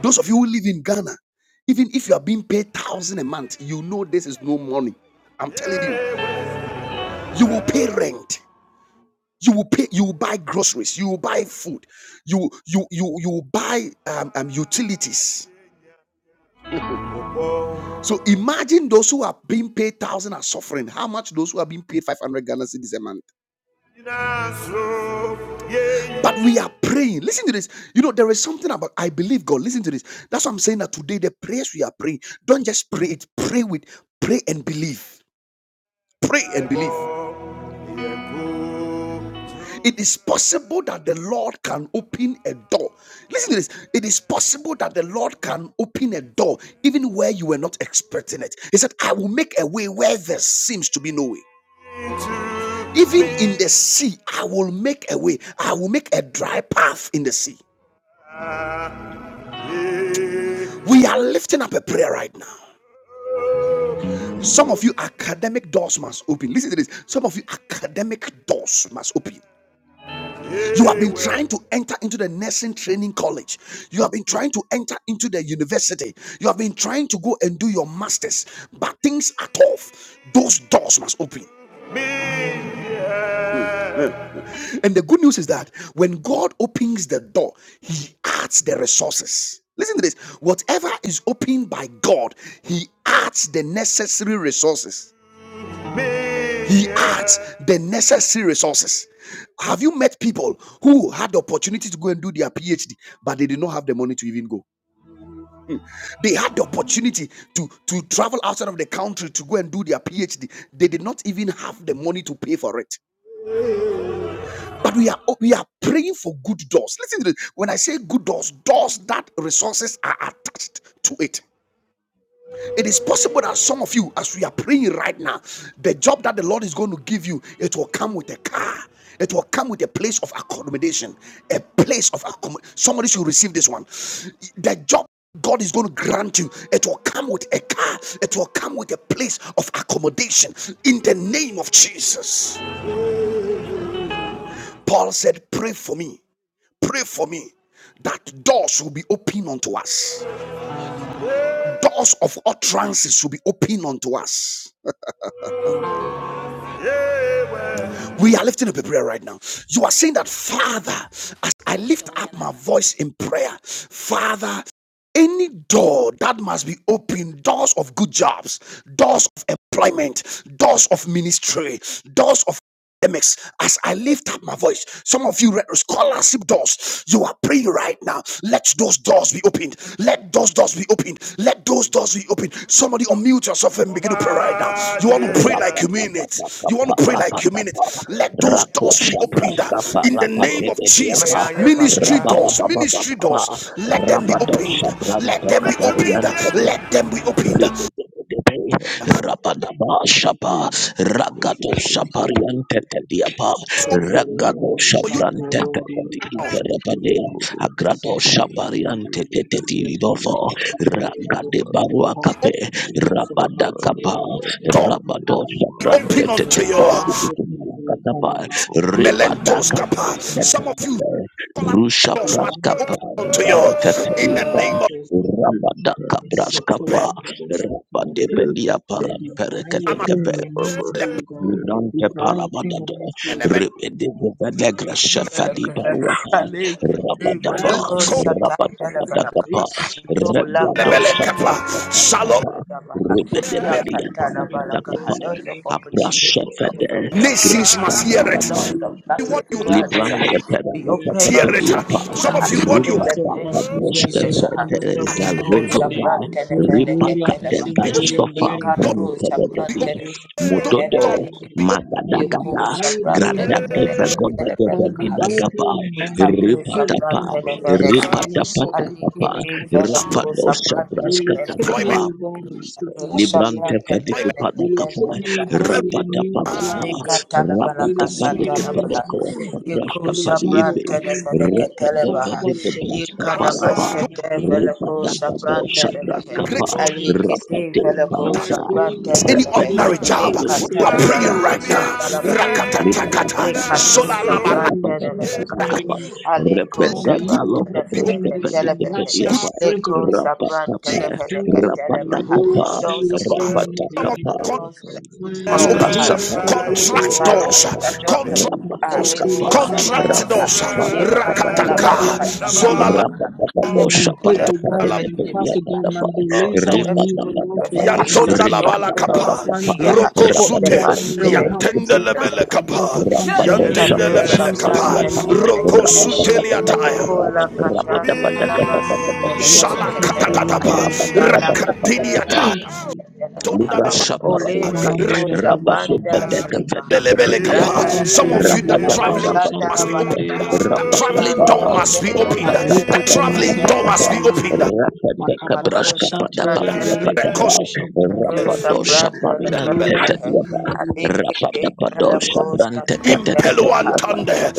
Speaker 1: Those of you who live in Ghana, even if you are being paid thousand a month, you know this is no money. I'm telling you, you will pay rent. You will pay. You will buy groceries. You will buy food. You you you you will buy um, um utilities. So imagine those who are being paid one thousand are suffering. How much those who are being paid 500 Ghana cedis a month? But we are praying. Listen to this. You know, there is something about I believe God. Listen to this. That's what I'm saying that today the prayers we are praying, don't just pray it, pray with pray and believe. Pray and believe. It is possible that the Lord can open a door. Listen to this. It is possible that the Lord can open a door even where you were not expecting it. He said, I will make a way where there seems to be no way. Even in the sea, I will make a way. I will make a dry path in the sea. We are lifting up a prayer right now. Some of you, academic doors must open. Listen to this. Some of you, academic doors must open. You have been trying to enter into the nursing training college. You have been trying to enter into the university. You have been trying to go and do your masters, but things are tough. Those doors must open. And the good news is that when God opens the door, He adds the resources. Listen to this whatever is opened by God, He adds the necessary resources. He adds the necessary resources. Have you met people who had the opportunity to go and do their PhD, but they did not have the money to even go? They had the opportunity to, to travel outside of the country to go and do their PhD. They did not even have the money to pay for it. But we are we are praying for good doors. Listen to this. When I say good doors, doors that resources are attached to it. It is possible that some of you, as we are praying right now, the job that the Lord is going to give you, it will come with a car. It will come with a place of accommodation. A place of accommodation. Somebody should receive this one. The job God is going to grant you, it will come with a car. It will come with a place of accommodation. In the name of Jesus. Paul said, Pray for me. Pray for me that doors will be open unto us. Doors of utterances will be open unto us. We are lifting up a prayer right now. You are saying that, Father, as I lift up my voice in prayer, Father, any door that must be open doors of good jobs doors of employment doors of ministry doors of academics as I lift up my voice. Some of you scholarship doors, you are praying right now. Let those doors be opened. Let those doors be opened. Let those doors be opened. Somebody unmute yourself and begin to pray right now. You want to pray like you mean it. You
Speaker 2: Rapatapatapa,
Speaker 1: want to pray like you mean
Speaker 2: rapatapa,
Speaker 1: it. Let those doors be
Speaker 2: rakosha
Speaker 1: opened uh,
Speaker 2: praskapa,
Speaker 1: in the name of
Speaker 2: rapatebedia,
Speaker 1: Jesus. Ministry doors, ministry
Speaker 2: rababababababa,
Speaker 1: doors, let them be opened.
Speaker 2: rabadosha
Speaker 1: Let
Speaker 2: brante
Speaker 1: them be opened.
Speaker 2: kapariante
Speaker 1: Let them be opened.
Speaker 2: Rabadaba Shaba Ragado Shapariante Diaba
Speaker 6: structural
Speaker 2: Ragado
Speaker 1: For
Speaker 6: combination
Speaker 1: you
Speaker 6: of
Speaker 2: Shaprante
Speaker 6: all day
Speaker 5: Play
Speaker 6: structural
Speaker 2: Imperebadea
Speaker 6: day
Speaker 5: Corobo
Speaker 2: Agrado
Speaker 6: yes I
Speaker 5: Sandore,
Speaker 6: can
Speaker 5: the
Speaker 2: Shabariante
Speaker 5: River, the
Speaker 2: Dibovo
Speaker 5: Dilambari,
Speaker 2: Ragade
Speaker 5: Carabana,
Speaker 2: Barua
Speaker 1: the open
Speaker 2: Cape
Speaker 5: Lady
Speaker 2: Rabada
Speaker 5: Randalo,
Speaker 2: Capa
Speaker 5: Cabas, and
Speaker 6: you
Speaker 5: the
Speaker 2: Rabado
Speaker 6: have
Speaker 5: Ruba,
Speaker 6: people
Speaker 2: Shaprante
Speaker 1: open
Speaker 5: Baba,
Speaker 1: unto
Speaker 6: controlling
Speaker 5: Lava,
Speaker 6: one
Speaker 1: you.
Speaker 6: open
Speaker 5: Lady
Speaker 6: will form a
Speaker 2: Catapa
Speaker 5: Yellow
Speaker 6: man
Speaker 5: Cabo
Speaker 1: Melentos
Speaker 5: Sandore,
Speaker 2: Ribadaka
Speaker 1: Kappa.
Speaker 5: the
Speaker 1: Some of
Speaker 6: the
Speaker 1: you
Speaker 5: River,
Speaker 2: Rusha
Speaker 1: doors must
Speaker 5: Please,
Speaker 1: be
Speaker 6: Msafiri
Speaker 2: Praskapa
Speaker 1: open
Speaker 5: Cababa,
Speaker 1: unto you
Speaker 5: Baba,
Speaker 2: Rabante
Speaker 6: kuonyesha
Speaker 1: in the
Speaker 5: Lava,
Speaker 2: Diaba
Speaker 1: name
Speaker 6: kurudi
Speaker 1: of
Speaker 5: Lady
Speaker 2: Rabada
Speaker 5: Carababa,
Speaker 1: God,
Speaker 2: Caprascapa Rabba de
Speaker 6: kusafiri
Speaker 2: belia Rabadebelia
Speaker 6: Divine
Speaker 1: Ama-
Speaker 2: parampereketekepe.
Speaker 6: opinion,
Speaker 5: Baba,
Speaker 6: my
Speaker 5: Baba,
Speaker 6: ministry
Speaker 1: Lep-
Speaker 6: will go.
Speaker 5: Sandere,
Speaker 2: Librante
Speaker 5: Buru,
Speaker 6: Divine opinion, my
Speaker 2: parabadado.
Speaker 6: ministry will go.
Speaker 1: Enemen.
Speaker 2: Rebedebelegra
Speaker 3: Those of
Speaker 2: shefadi baruapa.
Speaker 3: opportunity,
Speaker 6: Be
Speaker 2: Rabadaba.
Speaker 6: mindful,
Speaker 1: Leko-
Speaker 6: Lord, in the name of
Speaker 2: Rabadabadagapa.
Speaker 6: Jesus, mighty name, to
Speaker 2: Regado
Speaker 1: Lebele
Speaker 6: continue
Speaker 5: Lady
Speaker 1: Shalom.
Speaker 2: shaprastakamata.
Speaker 6: to
Speaker 5: Randalo,
Speaker 6: suffer the
Speaker 2: Rebedebelia
Speaker 6: mighty
Speaker 5: Lady
Speaker 2: parabadagapa.
Speaker 6: promotion to the name of the
Speaker 2: Abrashefede.
Speaker 6: Saint
Speaker 3: those
Speaker 6: Lord.
Speaker 3: of
Speaker 5: Rubber,
Speaker 3: job,
Speaker 1: Nations must hear
Speaker 6: Now,
Speaker 5: Open
Speaker 3: those
Speaker 1: it.
Speaker 5: doors
Speaker 6: pray,
Speaker 2: Graskapakapa.
Speaker 3: those of
Speaker 6: to
Speaker 1: What
Speaker 3: government
Speaker 6: the
Speaker 1: you
Speaker 5: of
Speaker 1: can't
Speaker 5: open
Speaker 3: grants uh,
Speaker 6: Lord, to
Speaker 2: Librante per
Speaker 3: be open
Speaker 2: capete
Speaker 6: the
Speaker 1: hear
Speaker 2: per
Speaker 1: it.
Speaker 3: unto
Speaker 6: Lord,
Speaker 3: me
Speaker 2: diapa.
Speaker 1: Some of
Speaker 3: uh,
Speaker 1: you, what
Speaker 3: in
Speaker 1: you
Speaker 6: Marica
Speaker 2: Rupa
Speaker 1: can't
Speaker 3: the
Speaker 2: data
Speaker 3: name of
Speaker 6: Septanturian
Speaker 2: brosca
Speaker 6: Data
Speaker 3: Jesus. uh,
Speaker 6: Combo
Speaker 2: fete za
Speaker 6: Seven and
Speaker 3: Leko
Speaker 6: Data Date.
Speaker 2: zazozova.
Speaker 3: Sabran
Speaker 5: doors
Speaker 3: Telefele
Speaker 2: Ripa
Speaker 6: Rendura
Speaker 2: cade
Speaker 5: of
Speaker 1: be
Speaker 3: Ketelebaha,
Speaker 5: love,
Speaker 1: open.
Speaker 6: Centurion
Speaker 2: brescofa
Speaker 6: Data
Speaker 1: Don't
Speaker 6: Combo
Speaker 3: Lekato
Speaker 2: brente
Speaker 5: doors
Speaker 2: de
Speaker 5: of
Speaker 2: de
Speaker 1: be
Speaker 5: my
Speaker 6: Centurion
Speaker 1: open.
Speaker 2: dia.
Speaker 3: Sabran
Speaker 6: Data Combo
Speaker 3: Telefele
Speaker 2: Mudodo
Speaker 6: Centurion Date.
Speaker 5: of good
Speaker 6: And
Speaker 5: Lord.
Speaker 3: Yuko
Speaker 2: magadagada.
Speaker 6: divide
Speaker 3: Shapran
Speaker 6: me my
Speaker 2: Gradage
Speaker 6: job
Speaker 3: Telepele
Speaker 6: day.
Speaker 2: vagoda de
Speaker 3: Telepele
Speaker 5: Doors,
Speaker 6: And
Speaker 5: O
Speaker 2: vagida
Speaker 5: Lord,
Speaker 3: Kahats.
Speaker 6: divide
Speaker 5: be
Speaker 2: gapa.
Speaker 5: open,
Speaker 6: me my
Speaker 5: O
Speaker 6: name
Speaker 3: Ikapu
Speaker 5: Lord.
Speaker 2: Ripa
Speaker 6: hate
Speaker 3: Shapran
Speaker 2: tapa.
Speaker 6: from the day.
Speaker 3: Telepele
Speaker 5: Scholarship
Speaker 2: Ripa
Speaker 3: Kahe.
Speaker 6: And
Speaker 5: doors
Speaker 6: I
Speaker 5: be
Speaker 2: tapa
Speaker 6: suck
Speaker 5: open,
Speaker 6: it
Speaker 5: O
Speaker 3: Ali
Speaker 6: from
Speaker 2: tapa.
Speaker 5: Lord.
Speaker 6: the
Speaker 3: Kipi
Speaker 6: combo
Speaker 2: Rapa
Speaker 5: In
Speaker 3: Felaku
Speaker 6: Centurion
Speaker 5: the
Speaker 6: Date.
Speaker 2: dosa
Speaker 5: name
Speaker 3: Shapran
Speaker 5: of
Speaker 6: You
Speaker 2: brasca
Speaker 6: will
Speaker 3: Telepele
Speaker 6: kick
Speaker 5: Jesus.
Speaker 3: Kaha.
Speaker 6: me
Speaker 1: Employment.
Speaker 2: tapa.
Speaker 6: and go on the
Speaker 5: Lee
Speaker 6: super
Speaker 5: Kabas
Speaker 2: Librante
Speaker 6: Nigeria
Speaker 3: Shapran
Speaker 6: cover.
Speaker 5: We
Speaker 1: Employment.
Speaker 2: fedike pada
Speaker 5: Baba,
Speaker 6: You will kick
Speaker 2: kapai,
Speaker 3: Telepele
Speaker 6: me and
Speaker 3: Kahe.
Speaker 6: go
Speaker 1: Clear
Speaker 5: Lee
Speaker 6: with a
Speaker 2: rapata
Speaker 6: new
Speaker 2: pada
Speaker 5: Kabab,
Speaker 6: job
Speaker 2: pa,
Speaker 6: again. We
Speaker 2: rapata
Speaker 6: will
Speaker 5: Lee
Speaker 2: pada
Speaker 6: treat my
Speaker 5: Bobo,
Speaker 2: kepada
Speaker 3: Lekatalabalakashatalabaha.
Speaker 6: job
Speaker 2: kawas
Speaker 5: Bobo,
Speaker 6: again.
Speaker 2: kapras
Speaker 3: Yekusa
Speaker 2: kapadi
Speaker 6: Nilijazwa
Speaker 2: ipi,
Speaker 5: Sambo,
Speaker 6: ndani ya
Speaker 2: rapata
Speaker 3: prantenefeleketelebaha.
Speaker 6: comfort
Speaker 2: fedike
Speaker 6: zone.
Speaker 2: bras kapala
Speaker 5: Thank
Speaker 6: Master
Speaker 2: pa,
Speaker 6: of my daily
Speaker 2: rapata
Speaker 3: Yikanamasketefelekusa
Speaker 6: commercial
Speaker 2: pada
Speaker 6: training.
Speaker 2: sabras
Speaker 3: prantenebehe.
Speaker 6: And I
Speaker 2: kapa,
Speaker 6: hope I have
Speaker 2: rapate
Speaker 6: selected my mind to
Speaker 3: Alikitefelekusa
Speaker 2: parata,
Speaker 6: go
Speaker 1: any
Speaker 6: to
Speaker 3: prantenebehe.
Speaker 2: rapata
Speaker 6: this
Speaker 1: ordinary
Speaker 6: and
Speaker 1: job.
Speaker 2: kepala
Speaker 6: purposely
Speaker 2: bras
Speaker 1: You are
Speaker 6: service of
Speaker 2: kapram
Speaker 6: God.
Speaker 1: praying right now.
Speaker 6: With
Speaker 2: kapapa,
Speaker 3: Lekatalabalakashatalabalabaha.
Speaker 1: Rakata
Speaker 6: everything we
Speaker 2: librata
Speaker 1: takata.
Speaker 2: pada pa,
Speaker 1: Zola
Speaker 3: Lekatusa
Speaker 1: laba
Speaker 6: work
Speaker 2: librata
Speaker 6: in
Speaker 2: pada
Speaker 6: Jesus'
Speaker 2: kepada
Speaker 3: prantenefelekaha.
Speaker 6: mighty
Speaker 2: kapa,
Speaker 6: name,
Speaker 3: Alikusa
Speaker 2: rapata
Speaker 6: Father, you
Speaker 1: Good
Speaker 6: will
Speaker 2: kalau
Speaker 6: grant
Speaker 1: be
Speaker 6: me
Speaker 2: bras
Speaker 1: open.
Speaker 6: the
Speaker 2: kapadi
Speaker 3: prantenefeleketelebehe.
Speaker 2: kepada
Speaker 6: financial
Speaker 2: apa,
Speaker 6: strength of
Speaker 3: Lekusa
Speaker 6: God
Speaker 2: rapata
Speaker 6: to
Speaker 2: pa,
Speaker 1: kingdom
Speaker 6: do and
Speaker 2: rapata
Speaker 3: prantenefeleketelebaha.
Speaker 6: go
Speaker 2: kapa.
Speaker 6: through
Speaker 3: Those of a
Speaker 6: this training
Speaker 2: Rapata
Speaker 1: of
Speaker 6: daily,
Speaker 2: kapa
Speaker 1: God
Speaker 6: God.
Speaker 3: those of a good
Speaker 6: Father,
Speaker 1: must
Speaker 2: libra
Speaker 6: you
Speaker 3: job.
Speaker 6: will help
Speaker 2: sapa
Speaker 1: open.
Speaker 6: me
Speaker 1: Contract
Speaker 6: go
Speaker 2: anteketia
Speaker 1: doors.
Speaker 2: pa
Speaker 3: Shadot of
Speaker 1: Contract
Speaker 3: good
Speaker 6: and
Speaker 2: rapata
Speaker 1: doors.
Speaker 6: Something
Speaker 2: kapa
Speaker 6: will
Speaker 3: Aleko
Speaker 6: come and
Speaker 1: Contract
Speaker 3: Shatalabaha,
Speaker 6: something
Speaker 1: doors.
Speaker 2: rapata
Speaker 6: will
Speaker 2: para
Speaker 6: go.
Speaker 2: pada
Speaker 6: I
Speaker 2: pada
Speaker 6: cannot
Speaker 3: Yekatalabala
Speaker 2: pada
Speaker 6: believe
Speaker 1: Rakataka.
Speaker 6: in single
Speaker 2: pada
Speaker 1: Zolala.
Speaker 6: day.
Speaker 3: Katalabaha.
Speaker 2: rapata pada
Speaker 6: When
Speaker 3: Every
Speaker 6: my
Speaker 2: sapa
Speaker 3: good
Speaker 6: hope
Speaker 3: and
Speaker 6: will go
Speaker 2: rapata
Speaker 6: and my
Speaker 3: perfect
Speaker 6: trust
Speaker 3: gift,
Speaker 2: ketia
Speaker 3: ah,
Speaker 6: will
Speaker 2: pada
Speaker 6: my
Speaker 2: pada
Speaker 6: beliefs
Speaker 3: doors
Speaker 6: I
Speaker 3: of
Speaker 1: Dos.
Speaker 3: every
Speaker 6: need
Speaker 2: ripata
Speaker 6: O
Speaker 3: good and
Speaker 6: Lord
Speaker 2: pada
Speaker 6: for you
Speaker 3: perfect
Speaker 6: to
Speaker 3: gift
Speaker 2: pada
Speaker 3: ah,
Speaker 1: Yantonda
Speaker 6: bless
Speaker 3: be
Speaker 1: la
Speaker 6: me.
Speaker 2: ripata
Speaker 3: open
Speaker 2: pada
Speaker 1: balakapa,
Speaker 3: unto
Speaker 6: While I
Speaker 2: kapa
Speaker 3: me
Speaker 6: bring
Speaker 3: ah,
Speaker 6: forth
Speaker 3: in
Speaker 2: rapata
Speaker 3: the
Speaker 1: Rokozute,
Speaker 6: my
Speaker 2: pada
Speaker 3: mighty
Speaker 2: kapa
Speaker 3: name
Speaker 6: help
Speaker 3: of
Speaker 2: kapa
Speaker 6: of
Speaker 1: Yantenda la
Speaker 2: kapa
Speaker 3: Jesus.
Speaker 6: God to
Speaker 1: belekapa,
Speaker 6: come to my
Speaker 2: rapata
Speaker 6: aid
Speaker 1: Yantenda
Speaker 3: Likato
Speaker 2: sapa
Speaker 6: in
Speaker 1: la
Speaker 2: sapa
Speaker 6: Jesus'
Speaker 3: Sabran
Speaker 2: dia
Speaker 1: belekapa,
Speaker 6: mighty
Speaker 2: pa
Speaker 6: name.
Speaker 3: Telefele
Speaker 6: My
Speaker 2: rapata
Speaker 1: Rokozute
Speaker 3: Telebaha.
Speaker 2: pada
Speaker 6: shelter in
Speaker 2: pada
Speaker 6: day,
Speaker 3: O
Speaker 6: the
Speaker 2: kapa
Speaker 1: liataya,
Speaker 3: La
Speaker 6: problem
Speaker 3: Catala
Speaker 2: rapata
Speaker 6: shelter
Speaker 2: pada
Speaker 6: in day.
Speaker 2: kapa kapa
Speaker 3: Basket
Speaker 6: My real
Speaker 3: Telefele
Speaker 2: kapa
Speaker 1: Shala
Speaker 6: customer
Speaker 3: Telebaha.
Speaker 6: in
Speaker 2: kapa
Speaker 6: day,
Speaker 1: katatapa,
Speaker 6: the
Speaker 2: rapata
Speaker 6: problem in
Speaker 2: pada
Speaker 6: day.
Speaker 2: kapa
Speaker 3: Malakasha
Speaker 2: kapa
Speaker 1: Rakatiniata,
Speaker 3: Telefele
Speaker 1: Tonda
Speaker 3: Telebaha.
Speaker 2: Libra
Speaker 1: la
Speaker 3: O
Speaker 6: My silver man,
Speaker 1: ba,
Speaker 2: Shaparapate,
Speaker 5: you.
Speaker 6: the
Speaker 3: Likato
Speaker 6: real customer
Speaker 3: Jaban
Speaker 6: shelter in day.
Speaker 3: Telebaha.
Speaker 2: Rabadabadagavadagapadiapa,
Speaker 3: Rata da
Speaker 6: Nikastan
Speaker 3: da
Speaker 1: Some
Speaker 3: da
Speaker 1: of
Speaker 6: Turin
Speaker 3: da
Speaker 1: you
Speaker 3: da
Speaker 1: that
Speaker 3: da
Speaker 6: Deo
Speaker 2: Rabadaba
Speaker 1: traveling
Speaker 3: Kasha
Speaker 6: Commission
Speaker 1: must be
Speaker 6: Turin
Speaker 1: opened.
Speaker 2: Rabadabadua,
Speaker 6: Deo
Speaker 3: Telebaha.
Speaker 1: That
Speaker 6: Commission
Speaker 1: traveling
Speaker 2: Rabadaba,
Speaker 1: door
Speaker 6: Turin Deo
Speaker 1: must be
Speaker 3: Telefele
Speaker 1: opened.
Speaker 6: Mariko
Speaker 1: That
Speaker 3: Telefele
Speaker 1: traveling
Speaker 6: Commission
Speaker 1: door must
Speaker 3: Telefele
Speaker 1: be
Speaker 2: Rabadapadabadabadaba,
Speaker 6: Turin
Speaker 3: Kaha.
Speaker 1: opened.
Speaker 6: Deo Makapa
Speaker 3: Likato
Speaker 6: Kasha
Speaker 3: Sabran
Speaker 6: Turin Deo the
Speaker 2: Rapatakabraskapadababiapadaba,
Speaker 1: Records
Speaker 6: Turin
Speaker 3: Telefele
Speaker 6: Deo Combo
Speaker 3: Sabran
Speaker 6: and Deo
Speaker 3: Telefele
Speaker 1: Lelebele.
Speaker 3: Kaha.
Speaker 6: Commission
Speaker 3: Alikite
Speaker 6: Jesus
Speaker 3: Teleko Sabran Telebaha.
Speaker 2: Rapadosapariantetatiapa,
Speaker 1: Impeluantande.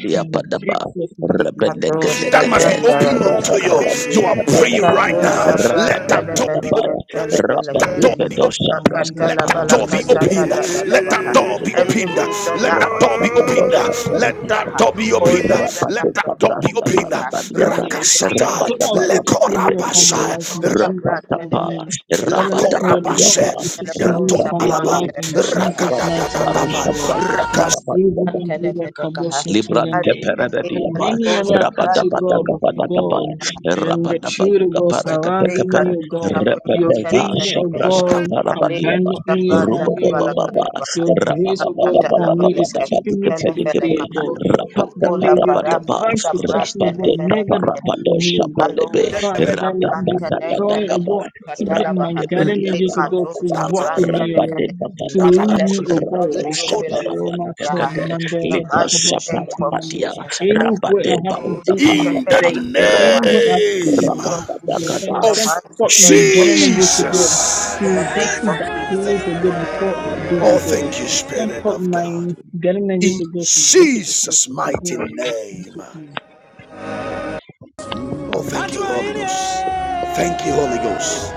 Speaker 6: King Jesus
Speaker 2: Rabadabadiapadaba,
Speaker 3: Likato
Speaker 6: Worship
Speaker 1: That
Speaker 6: the
Speaker 1: must
Speaker 2: Rabadagadagade,
Speaker 1: be
Speaker 3: shabrata
Speaker 6: Mandate
Speaker 1: opened unto
Speaker 6: Commercial
Speaker 1: you.
Speaker 3: levelekaha.
Speaker 1: You
Speaker 6: Mandate
Speaker 1: are praying
Speaker 2: Rabadabadiapadagapa,
Speaker 6: Turin
Speaker 1: right
Speaker 3: Likato
Speaker 6: Deo
Speaker 1: now. Let
Speaker 3: shabrata
Speaker 1: that door
Speaker 6: Mandate
Speaker 1: be open.
Speaker 2: Rabadabadabaya,
Speaker 3: levelekete
Speaker 6: Commission Turin
Speaker 1: That door
Speaker 3: levelekahe.
Speaker 6: Deo
Speaker 1: be open.
Speaker 2: Rabadibedosha
Speaker 3: Rakata
Speaker 1: Let
Speaker 2: Praskapa
Speaker 1: that door
Speaker 3: leveleka
Speaker 1: be
Speaker 6: Amira
Speaker 3: sada
Speaker 1: opened.
Speaker 2: Revedeberia
Speaker 3: da da da
Speaker 1: Let that
Speaker 3: baha.
Speaker 1: door be
Speaker 3: Every
Speaker 1: opened.
Speaker 2: Ribedebedi
Speaker 3: good door
Speaker 1: Let
Speaker 3: that
Speaker 1: that
Speaker 3: ought
Speaker 1: door
Speaker 3: to
Speaker 1: be
Speaker 3: be open
Speaker 2: Rabadabadosha
Speaker 3: unto
Speaker 1: opened.
Speaker 3: me,
Speaker 1: Let that
Speaker 3: ah,
Speaker 1: door
Speaker 2: Prankata
Speaker 1: be
Speaker 3: oh
Speaker 1: opened.
Speaker 3: Lord, let that
Speaker 1: Let that
Speaker 2: Rabadeka
Speaker 3: door be
Speaker 1: door be
Speaker 2: Brasta
Speaker 3: open.
Speaker 1: opened.
Speaker 3: ah,
Speaker 6: Father,
Speaker 2: Parabadiata
Speaker 3: In
Speaker 6: let
Speaker 3: the name
Speaker 6: your
Speaker 3: of
Speaker 1: Rakashatal.
Speaker 6: door
Speaker 3: Jesus.
Speaker 6: of
Speaker 3: ah.
Speaker 6: protection be upon my
Speaker 2: Rabadabadabadipedikite
Speaker 6: life
Speaker 1: Lekorabashai.
Speaker 3: Likato
Speaker 6: in Jesus'
Speaker 3: shabrata
Speaker 6: mighty
Speaker 2: Rabatapa
Speaker 6: name. Father,
Speaker 3: levelekete.
Speaker 6: let your door
Speaker 2: Rabadabadiapa
Speaker 6: of
Speaker 1: Lakorabashe,
Speaker 6: protection
Speaker 3: Likato
Speaker 6: be upon my
Speaker 1: Yantonalaba,
Speaker 3: shabrata
Speaker 6: life
Speaker 2: Rabadide
Speaker 6: in
Speaker 3: levelekahe.
Speaker 6: Jesus'
Speaker 2: Rabade
Speaker 6: mighty name,
Speaker 1: Rakadadadaba,
Speaker 2: Barusha
Speaker 6: God.
Speaker 2: Praska
Speaker 3: Likato
Speaker 6: My slave
Speaker 2: Parabadiata.
Speaker 5: Jesus,
Speaker 3: shabrata
Speaker 6: went through
Speaker 3: levelekaha.
Speaker 6: the
Speaker 3: Likato shabrata
Speaker 6: kabosha to the
Speaker 2: Librante
Speaker 6: day. There are
Speaker 2: peredia pa
Speaker 6: many other attacks,
Speaker 3: levelekahe.
Speaker 2: rabada
Speaker 6: O
Speaker 2: bada
Speaker 6: God, but O
Speaker 2: kapada kapa
Speaker 6: God, and the
Speaker 2: rabada
Speaker 6: children, of God,
Speaker 2: perebediapa, rabadabadakabadakaba,
Speaker 6: surrounding
Speaker 2: rabadabadukaparekatekape,
Speaker 6: me, O
Speaker 3: Rikatosha
Speaker 6: God. Your
Speaker 3: Priyantan
Speaker 6: favor,
Speaker 2: repedevasha
Speaker 6: O
Speaker 3: Senekehe,
Speaker 6: God,
Speaker 2: praskaparabadiapa,
Speaker 6: abandon
Speaker 3: Alekosha
Speaker 6: me upon me, O
Speaker 3: Pantalabala
Speaker 2: rubabababa,
Speaker 6: Lord.
Speaker 3: Katabaha,
Speaker 6: Your grace, O God, upon me is
Speaker 2: rabada
Speaker 6: keeping me to this day, O
Speaker 3: Telefelecaha,
Speaker 6: God. Father,
Speaker 3: Ikula
Speaker 6: may your
Speaker 2: rapataparabadaba,
Speaker 6: divine
Speaker 3: Parakusa
Speaker 6: protection, O God, never
Speaker 3: Prantelefelecahe,
Speaker 6: depart from me, O God.
Speaker 3: Ikalo
Speaker 2: rapadetaparabadoshapadebe,
Speaker 3: Parakusa
Speaker 6: Father, deploy, O
Speaker 2: radabadadadakaba,
Speaker 6: God,
Speaker 3: Prantelefelecosa
Speaker 6: activate my
Speaker 3: Talabaha,
Speaker 6: guardian angels, O God, to
Speaker 2: rabadebediaparabadaba,
Speaker 3: Rikatosha
Speaker 6: walk with
Speaker 1: Rakashadaba,
Speaker 6: me, O
Speaker 3: Prantelefele,
Speaker 6: Lord, to
Speaker 2: rabadebadadaba,
Speaker 6: lead
Speaker 3: let
Speaker 6: me, O
Speaker 3: those
Speaker 6: God.
Speaker 3: reopen to
Speaker 6: Oh,
Speaker 3: me,
Speaker 6: my
Speaker 3: Yaha,
Speaker 5: Cover,
Speaker 2: radoshaparabandekate,
Speaker 6: children,
Speaker 3: in
Speaker 6: and there
Speaker 3: the
Speaker 2: Lipa
Speaker 6: are
Speaker 3: mighty
Speaker 6: about
Speaker 2: shapa
Speaker 3: name
Speaker 6: something
Speaker 3: of
Speaker 6: on
Speaker 2: rapatia
Speaker 3: Jesus, Aha.
Speaker 6: Anywhere I
Speaker 2: rapade
Speaker 6: have to
Speaker 2: bauta
Speaker 6: be
Speaker 2: pa
Speaker 6: in the
Speaker 1: In the
Speaker 3: perfect
Speaker 6: day,
Speaker 3: give joy.
Speaker 6: anywhere
Speaker 2: rakata
Speaker 6: I have to be in
Speaker 1: name
Speaker 6: the
Speaker 3: Heal
Speaker 6: night,
Speaker 3: to
Speaker 6: I'm going
Speaker 3: me in
Speaker 2: rapata
Speaker 6: to
Speaker 3: the
Speaker 6: send
Speaker 1: of
Speaker 3: mighty
Speaker 6: forth my
Speaker 3: name of
Speaker 6: guardian
Speaker 2: Jesus.
Speaker 6: angels, O God,
Speaker 1: Jesus.
Speaker 3: in the
Speaker 6: to get
Speaker 3: name
Speaker 6: to
Speaker 3: of
Speaker 6: that
Speaker 3: Jesus.
Speaker 6: place, O God, before I do, O
Speaker 1: Oh,
Speaker 6: God.
Speaker 1: thank you,
Speaker 6: Send
Speaker 1: Spirit
Speaker 6: forth
Speaker 1: of
Speaker 6: my
Speaker 1: God.
Speaker 6: guardian angels,
Speaker 1: In
Speaker 6: O God, to visit me,
Speaker 1: Jesus' mighty
Speaker 6: Lord, thank you,
Speaker 1: name.
Speaker 6: Father.
Speaker 1: Oh, thank you, Holy Ghost. Thank you, Holy Ghost.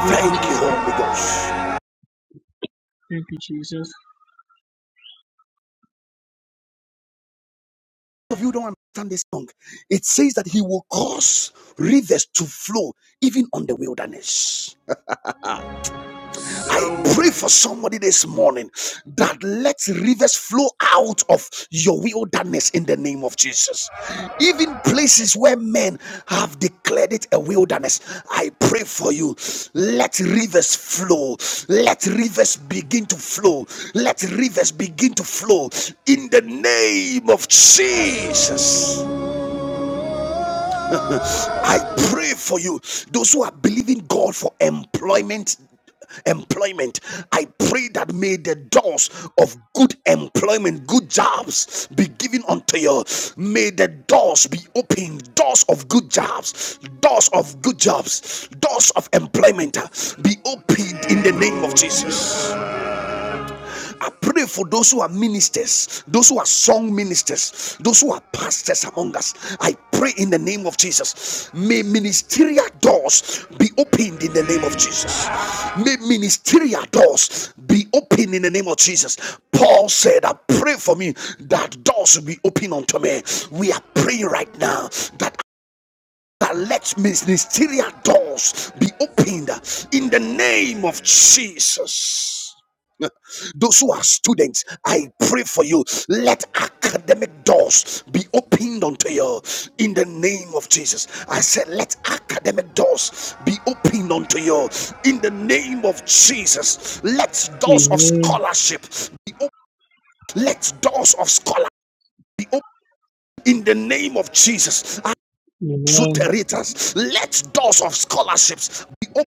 Speaker 6: Thank you, Jesus.
Speaker 1: you, Holy Ghost.
Speaker 6: Thank you, Jesus.
Speaker 1: of you don't understand this song. It says that he will cause rivers to flow even on the wilderness. I pray for somebody this morning that let rivers flow out of your wilderness in the name of Jesus. Even places where men have declared it a wilderness, I pray for you. Let rivers flow. Let rivers begin to flow. Let rivers begin to flow in the name of Jesus. I pray for you. Those who are believing God for employment. Employment. I pray that may the doors of good employment, good jobs be given unto you. May the doors be opened, doors of good jobs, doors of good jobs, doors of employment be opened in the name of Jesus. I pray for those who are ministers, those who are song ministers, those who are pastors among us. I pray in the name of Jesus. May ministerial doors be opened in the name of Jesus. May ministerial doors be opened in the name of Jesus. Paul said, I pray for me that doors will be open unto me. We are praying right now that let ministerial doors be opened in the name of Jesus. Those who are students, I pray for you. Let academic doors be opened unto you in the name of Jesus. I said, let academic doors be opened unto you in the name of Jesus. Let doors of
Speaker 6: Amen.
Speaker 1: scholarship be opened. Let doors of scholarship be opened in the name of Jesus.
Speaker 6: Amen.
Speaker 1: Zuteritas. Let doors of scholarships be open.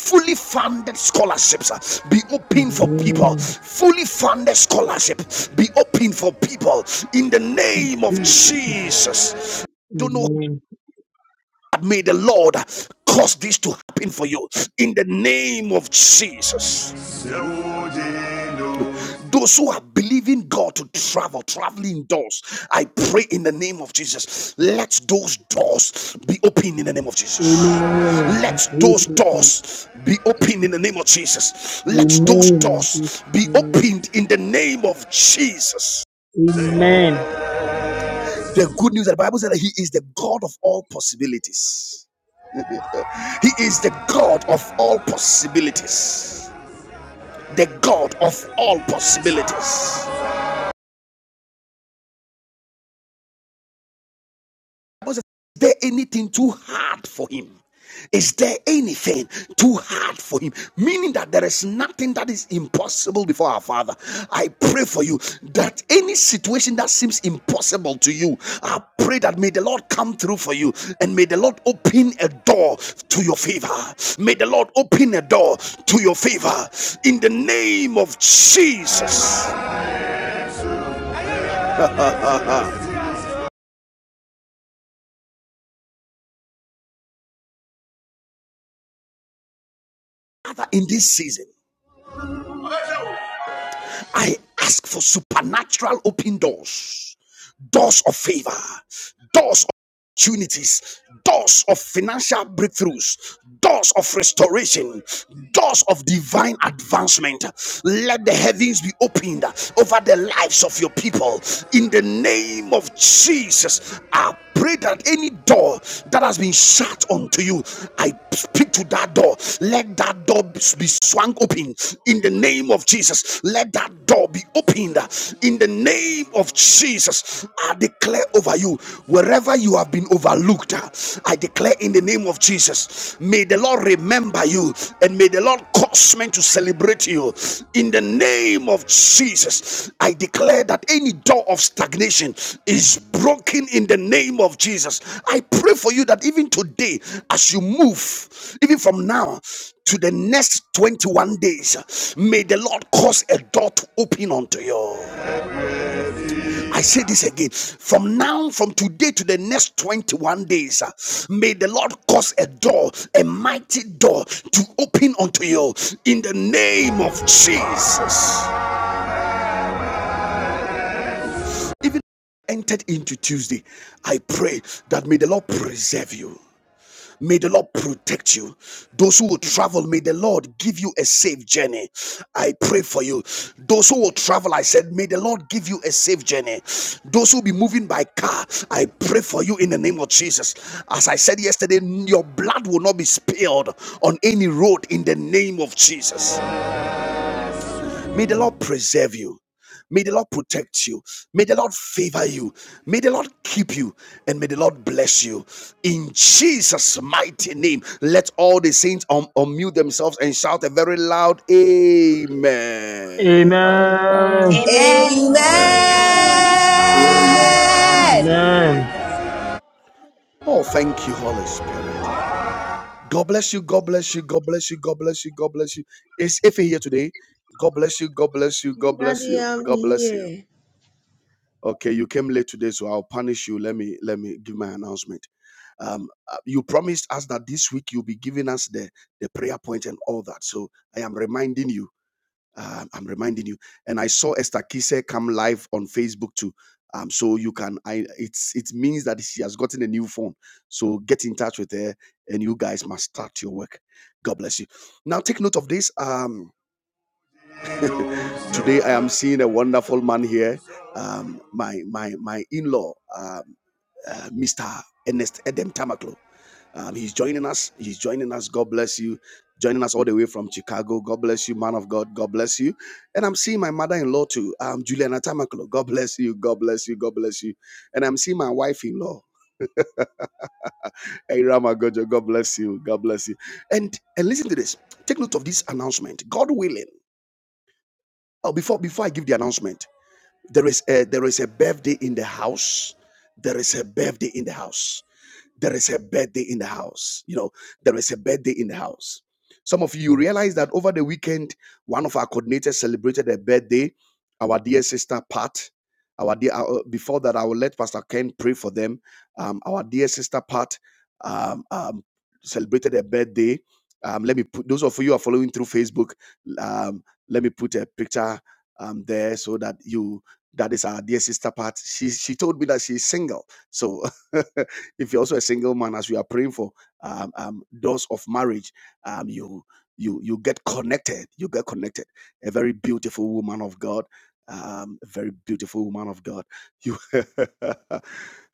Speaker 1: Fully funded scholarships uh, be open for people.
Speaker 6: Amen.
Speaker 1: Fully funded scholarship be open for people in the
Speaker 6: Thank
Speaker 1: name of
Speaker 6: you, Father.
Speaker 1: Jesus. Don't know
Speaker 6: Amen.
Speaker 1: May the Lord cause this to happen for you in the name of Jesus. Those who are believing God to travel, traveling doors, I pray in the name of Jesus. Let those doors be open in the name of Jesus.
Speaker 6: Amen.
Speaker 1: Let
Speaker 6: Praise
Speaker 1: those
Speaker 6: the Lord.
Speaker 1: doors be opened in the name of Jesus. Let those
Speaker 6: Amen. Praise
Speaker 1: doors be
Speaker 6: the Lord.
Speaker 1: opened in the name of Jesus.
Speaker 6: Amen.
Speaker 1: The good news that the Bible says, that He is the God of all possibilities. He is the God of all possibilities. The God of all possibilities. Is there anything too hard for him? Is there anything too hard for him? Meaning that there is nothing that is impossible before our Father. I pray for you that any situation that seems impossible to you, I pray that may the Lord come through for you and may the Lord open a door to your favor. May the Lord open a door to your favor in the name of Jesus. Father, in this season. I ask for supernatural open doors, doors of favor, doors opportunities, doors of financial breakthroughs, doors of restoration, doors of divine advancement. Let the heavens be opened over the lives of your people in the name of Jesus. I pray that any door that has been shut unto you, I speak to that door. Let that door be swung open in the name of Jesus. Let that door be opened in the name of Jesus. I declare over you, wherever you have been overlooked, uh, I declare in the name of Jesus, may the Lord remember you and may the Lord cause men to celebrate you. In the name of Jesus, I declare that any door of stagnation is broken in the name of Jesus. I pray for you that even today, as you move, even from now, to the next 21 days, may the Lord cause a door to open unto you. I say this again. From now, from today to the next 21 days, uh, may the Lord cause a door, a mighty door to open unto you in the name of Jesus. Even entered into Tuesday, I pray that may the Lord preserve you. May the Lord protect you. Those who will travel, may the Lord give you a safe journey. I pray for you. Those who will travel, I said, may the Lord give you a safe journey. Those who will be moving by car, I pray for you in the name of Jesus. As I said yesterday, your blood will not be spilled on any road in the name of Jesus. May the Lord preserve you. May the Lord protect you. May the Lord favor you. May the Lord keep you. And may the Lord bless you. In Jesus' mighty name, let all the saints un- unmute themselves and shout a very loud Amen.
Speaker 6: Amen.
Speaker 7: Amen.
Speaker 8: Amen.
Speaker 9: Amen.
Speaker 5: Amen.
Speaker 10: Amen.
Speaker 6: Amen.
Speaker 1: Oh, thank you, Holy Spirit. God bless you. God bless you. God bless you. God bless you. God bless you. Is Ife here today? God bless you. God bless you. God bless
Speaker 9: Daddy,
Speaker 1: you.
Speaker 9: I'm
Speaker 1: God bless you.
Speaker 9: here.
Speaker 1: Okay, you came late today, so I'll punish you. Let me let me give my announcement. Um, uh, you promised us that this week you'll be giving us the the prayer point and all that. So I am reminding you. Uh, I'm reminding you. And I saw Esther Kise come live on Facebook too. Um, so you can. I it's it means that she has gotten a new phone. So get in touch with her, and you guys must start your work. God bless you. Now take note of this. Um, today I am seeing a wonderful man here um, my my my in-law. uh, uh, Mr. Ernest Edem Tamaklo. Um, he's joining us. He's joining us. God bless you. Joining us all the way from Chicago. God bless you, man of God. God bless you. And I'm seeing my mother-in-law too, um, Juliana Tamaklo. God bless you. God bless you. God bless you. And I'm seeing my wife-in-law, Irama Gojo. God bless you. God bless you. And and listen to this. Take note of this announcement. God willing. Oh, before before I give the announcement, there is a, there is a birthday in the house. There is a birthday in the house There is a birthday in the house. You know, there is a birthday in the house. Some of you realize that over the weekend, one of our coordinators celebrated a birthday, our dear sister Pat. Our dear, uh, uh, before that, I will let Pastor Ken pray for them. Um, our dear sister Pat um, um, celebrated a birthday. Um, let me put those of you who are following through Facebook. Um, let me put a picture um, there so that you that is our dear sister Pat. She she told me that she's single. So if you're also a single man, as we are praying for um, um, doors of marriage, um, you you you get connected. You get connected. A very beautiful woman of God. Um, a very beautiful woman of God. You.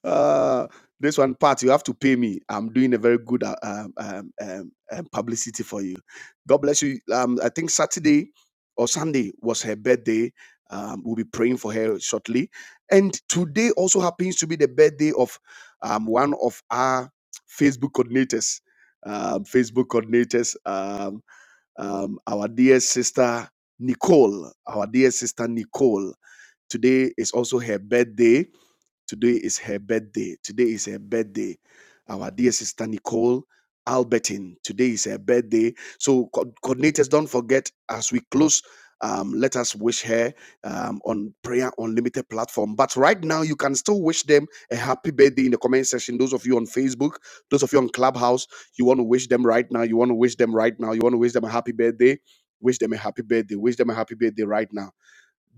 Speaker 1: Uh, this one part you have to pay me. I'm doing a very good uh, um, um, um, um, publicity for you. God bless you. Um, I think Saturday or Sunday was her birthday. Um, we'll be praying for her shortly. And today also happens to be the birthday of I'm one of our Facebook coordinators. Um, Facebook coordinators, um, um, our dear sister Nicole, our dear sister Nicole. Today is also her birthday Today is her birthday. Today is her birthday. Our dear sister Nicole Albertine. Today is her birthday. So, co- coordinators, don't forget as we close. Um, let us wish her um, on Prayer Unlimited platform. But right now, you can still wish them a happy birthday in the comment section. Those of you on Facebook, those of you on Clubhouse, you want to wish them right now. You want to wish them right now. You want to wish them a happy birthday. Wish them a happy birthday. Wish them a happy birthday right now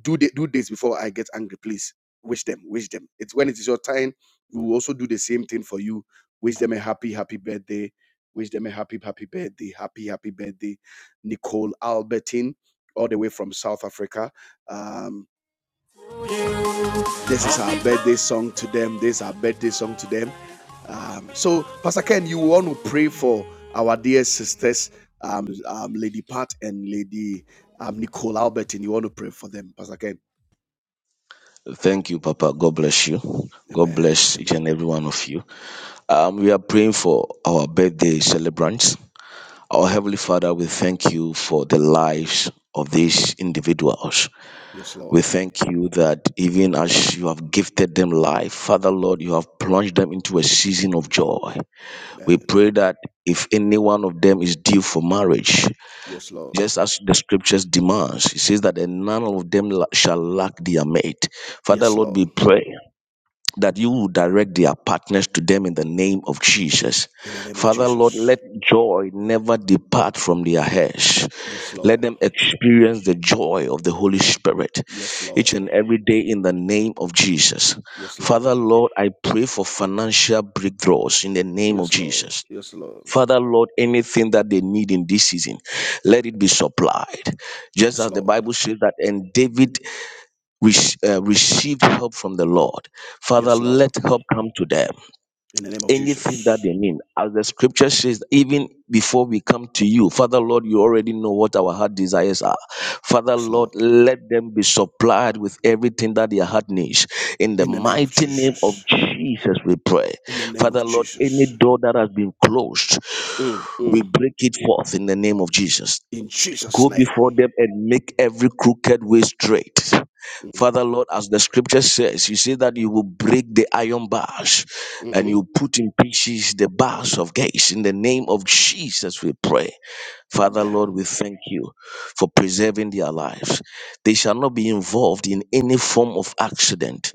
Speaker 1: do the, do this before I get angry, please. Wish them, wish them. It's when it is your time, we will also do the same thing for you. Wish them a happy, happy birthday. Wish them a happy, happy birthday. Happy, happy birthday, Nicole Albertine, all the way from South Africa. Um, this is our birthday song to them. This is our birthday song to them. Um, so, Pastor Ken, you want to pray for our dear sisters, um, um, Lady Pat and Lady um, Nicole Albertine. You want to pray for them, Pastor Ken.
Speaker 2: Thank you, Papa. God bless you. God
Speaker 1: Amen.
Speaker 2: bless each
Speaker 1: Amen.
Speaker 2: and every one of you. Um, we are praying for our birthday celebrants. Our Heavenly Father, we thank you for the lives of these individuals.
Speaker 1: Yes, Lord.
Speaker 2: We thank you that even as you have gifted them life, Father Lord, you have plunged them into a season of joy.
Speaker 1: Amen.
Speaker 2: We pray that if any one of them is due for marriage,
Speaker 1: Yes, Lord.
Speaker 2: just as the scriptures demands, it says that and none of them la- shall lack their mate. Father
Speaker 1: Yes,
Speaker 2: Lord,
Speaker 1: Lord.
Speaker 2: we pray that you will direct their partners to them in the name of Jesus.
Speaker 1: In the name of
Speaker 2: Father Lord,
Speaker 1: Jesus.
Speaker 2: let joy never depart from their heads.
Speaker 1: Yes,
Speaker 2: Let
Speaker 1: Lord.
Speaker 2: them experience the joy of the Holy Spirit
Speaker 1: Yes,
Speaker 2: each
Speaker 1: Lord.
Speaker 2: and every day in the name of Jesus.
Speaker 1: Yes, Lord.
Speaker 2: Father Lord, I pray for financial breakthroughs in the name of
Speaker 1: Yes, Lord.
Speaker 2: Jesus.
Speaker 1: Yes, Lord.
Speaker 2: Father, Lord, anything that they need in this season, let it be supplied. Just
Speaker 1: Yes,
Speaker 2: as the
Speaker 1: Lord.
Speaker 2: Bible says that, and David re- uh, received help from the Lord. Father,
Speaker 1: Yes, Lord.
Speaker 2: let help come to them.
Speaker 1: In the name of
Speaker 2: Anything that
Speaker 1: Jesus.
Speaker 2: they need, as the scripture says, even before we come to you, Father, Lord, you already know what our heart desires are. Father,
Speaker 1: Yes,
Speaker 2: Lord,
Speaker 1: Lord.
Speaker 2: let them be supplied with everything that their heart needs. In the
Speaker 1: In the name of
Speaker 2: mighty name of
Speaker 1: Jesus.
Speaker 2: Jesus, we pray.
Speaker 1: In the name of
Speaker 2: Father, Lord, any
Speaker 1: Jesus.
Speaker 2: door that has been closed,
Speaker 1: Mm,
Speaker 2: we
Speaker 1: mm.
Speaker 2: break it forth in the name of Jesus.
Speaker 1: In Jesus'
Speaker 2: Go
Speaker 1: name.
Speaker 2: before them and make every crooked way straight.
Speaker 1: Mm,
Speaker 2: Father Lord, as the scripture says, you say that you will break the iron bars and
Speaker 1: hmm
Speaker 2: you put in pieces the bars of gates. In the name of Jesus, we pray. Father
Speaker 1: Amen.
Speaker 2: Lord, we thank you for preserving their lives. They shall not be involved in any form of accident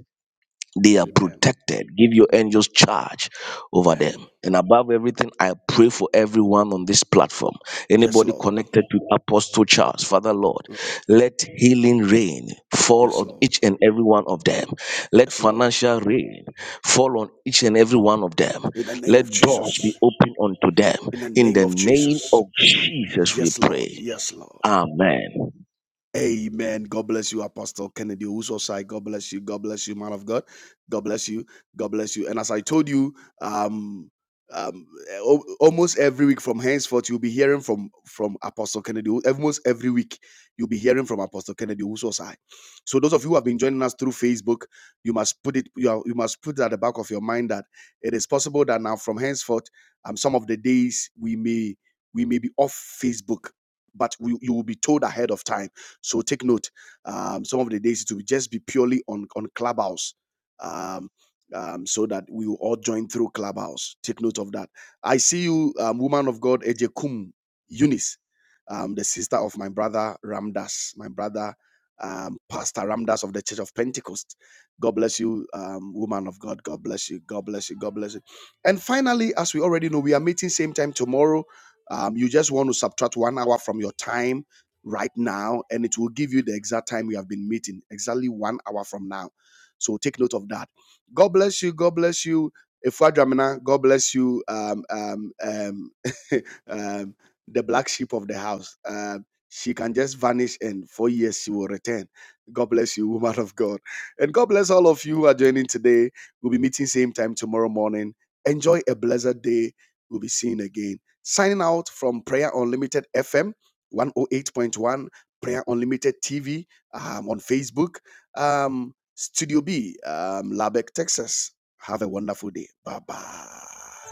Speaker 2: they are
Speaker 1: Amen.
Speaker 2: protected. Give your angels charge over
Speaker 1: Amen.
Speaker 2: them. And above everything, I pray for everyone on this platform.
Speaker 1: Yes,
Speaker 2: Anybody
Speaker 1: Lord.
Speaker 2: connected to Apostle Charles, Father Lord,
Speaker 1: Mm.
Speaker 2: let healing rain fall
Speaker 1: Yes,
Speaker 2: on
Speaker 1: Lord.
Speaker 2: each and every one of them. Let
Speaker 1: Yes, Lord.
Speaker 2: financial rain fall on each and every one of them.
Speaker 1: In the name
Speaker 2: Let
Speaker 1: of
Speaker 2: doors be
Speaker 1: Jesus.
Speaker 2: opened unto them.
Speaker 1: In the
Speaker 2: In
Speaker 1: name
Speaker 2: the
Speaker 1: of
Speaker 2: name
Speaker 1: Jesus.
Speaker 2: of Jesus, we
Speaker 1: Yes, Lord.
Speaker 2: pray.
Speaker 1: Yes, Lord.
Speaker 2: Amen.
Speaker 1: Amen. God bless you, Apostle Kennedy Usosai. God bless you. God bless you, man of God. God bless you. God bless you. And as I told you, um, um, eh, al- almost every week from henceforth, you'll be hearing from from Apostle Kennedy. Almost every week, you'll be hearing from Apostle Kennedy Usosai. So those of you who have been joining us through Facebook, you must put it. You, are, you must put it at the back of your mind that it is possible that now from henceforth, um, some of the days we may we may be off Facebook, but we, you will be told ahead of time so take note. Um, some of the days it will just be purely on on Clubhouse. Um, um, so that we will all join through Clubhouse. Take note of that. I see you, um, woman of God, Ejekum Eunice, um, the sister of my brother Ramdas, my brother, um, Pastor Ramdas of the Church of Pentecost. God bless you, um, woman of God. God bless you. God bless you. God bless you. And finally, as we already know, we are meeting same time tomorrow. Um, you just want to subtract one hour from your time right now and it will give you the exact time we have been meeting exactly one hour from now so take note of that god bless you god bless you Ifeadwamena, god bless you um um um, um the black sheep of the house um she can just vanish and four years she will return god bless you woman of god and god bless all of you who are joining today we'll be meeting same time tomorrow morning enjoy a blessed day we'll be seeing again signing out from prayer unlimited fm 108.1 Prayer Unlimited TV um, on Facebook, um, Studio B, um, Lubbock, Texas. Have a wonderful day. Bye bye.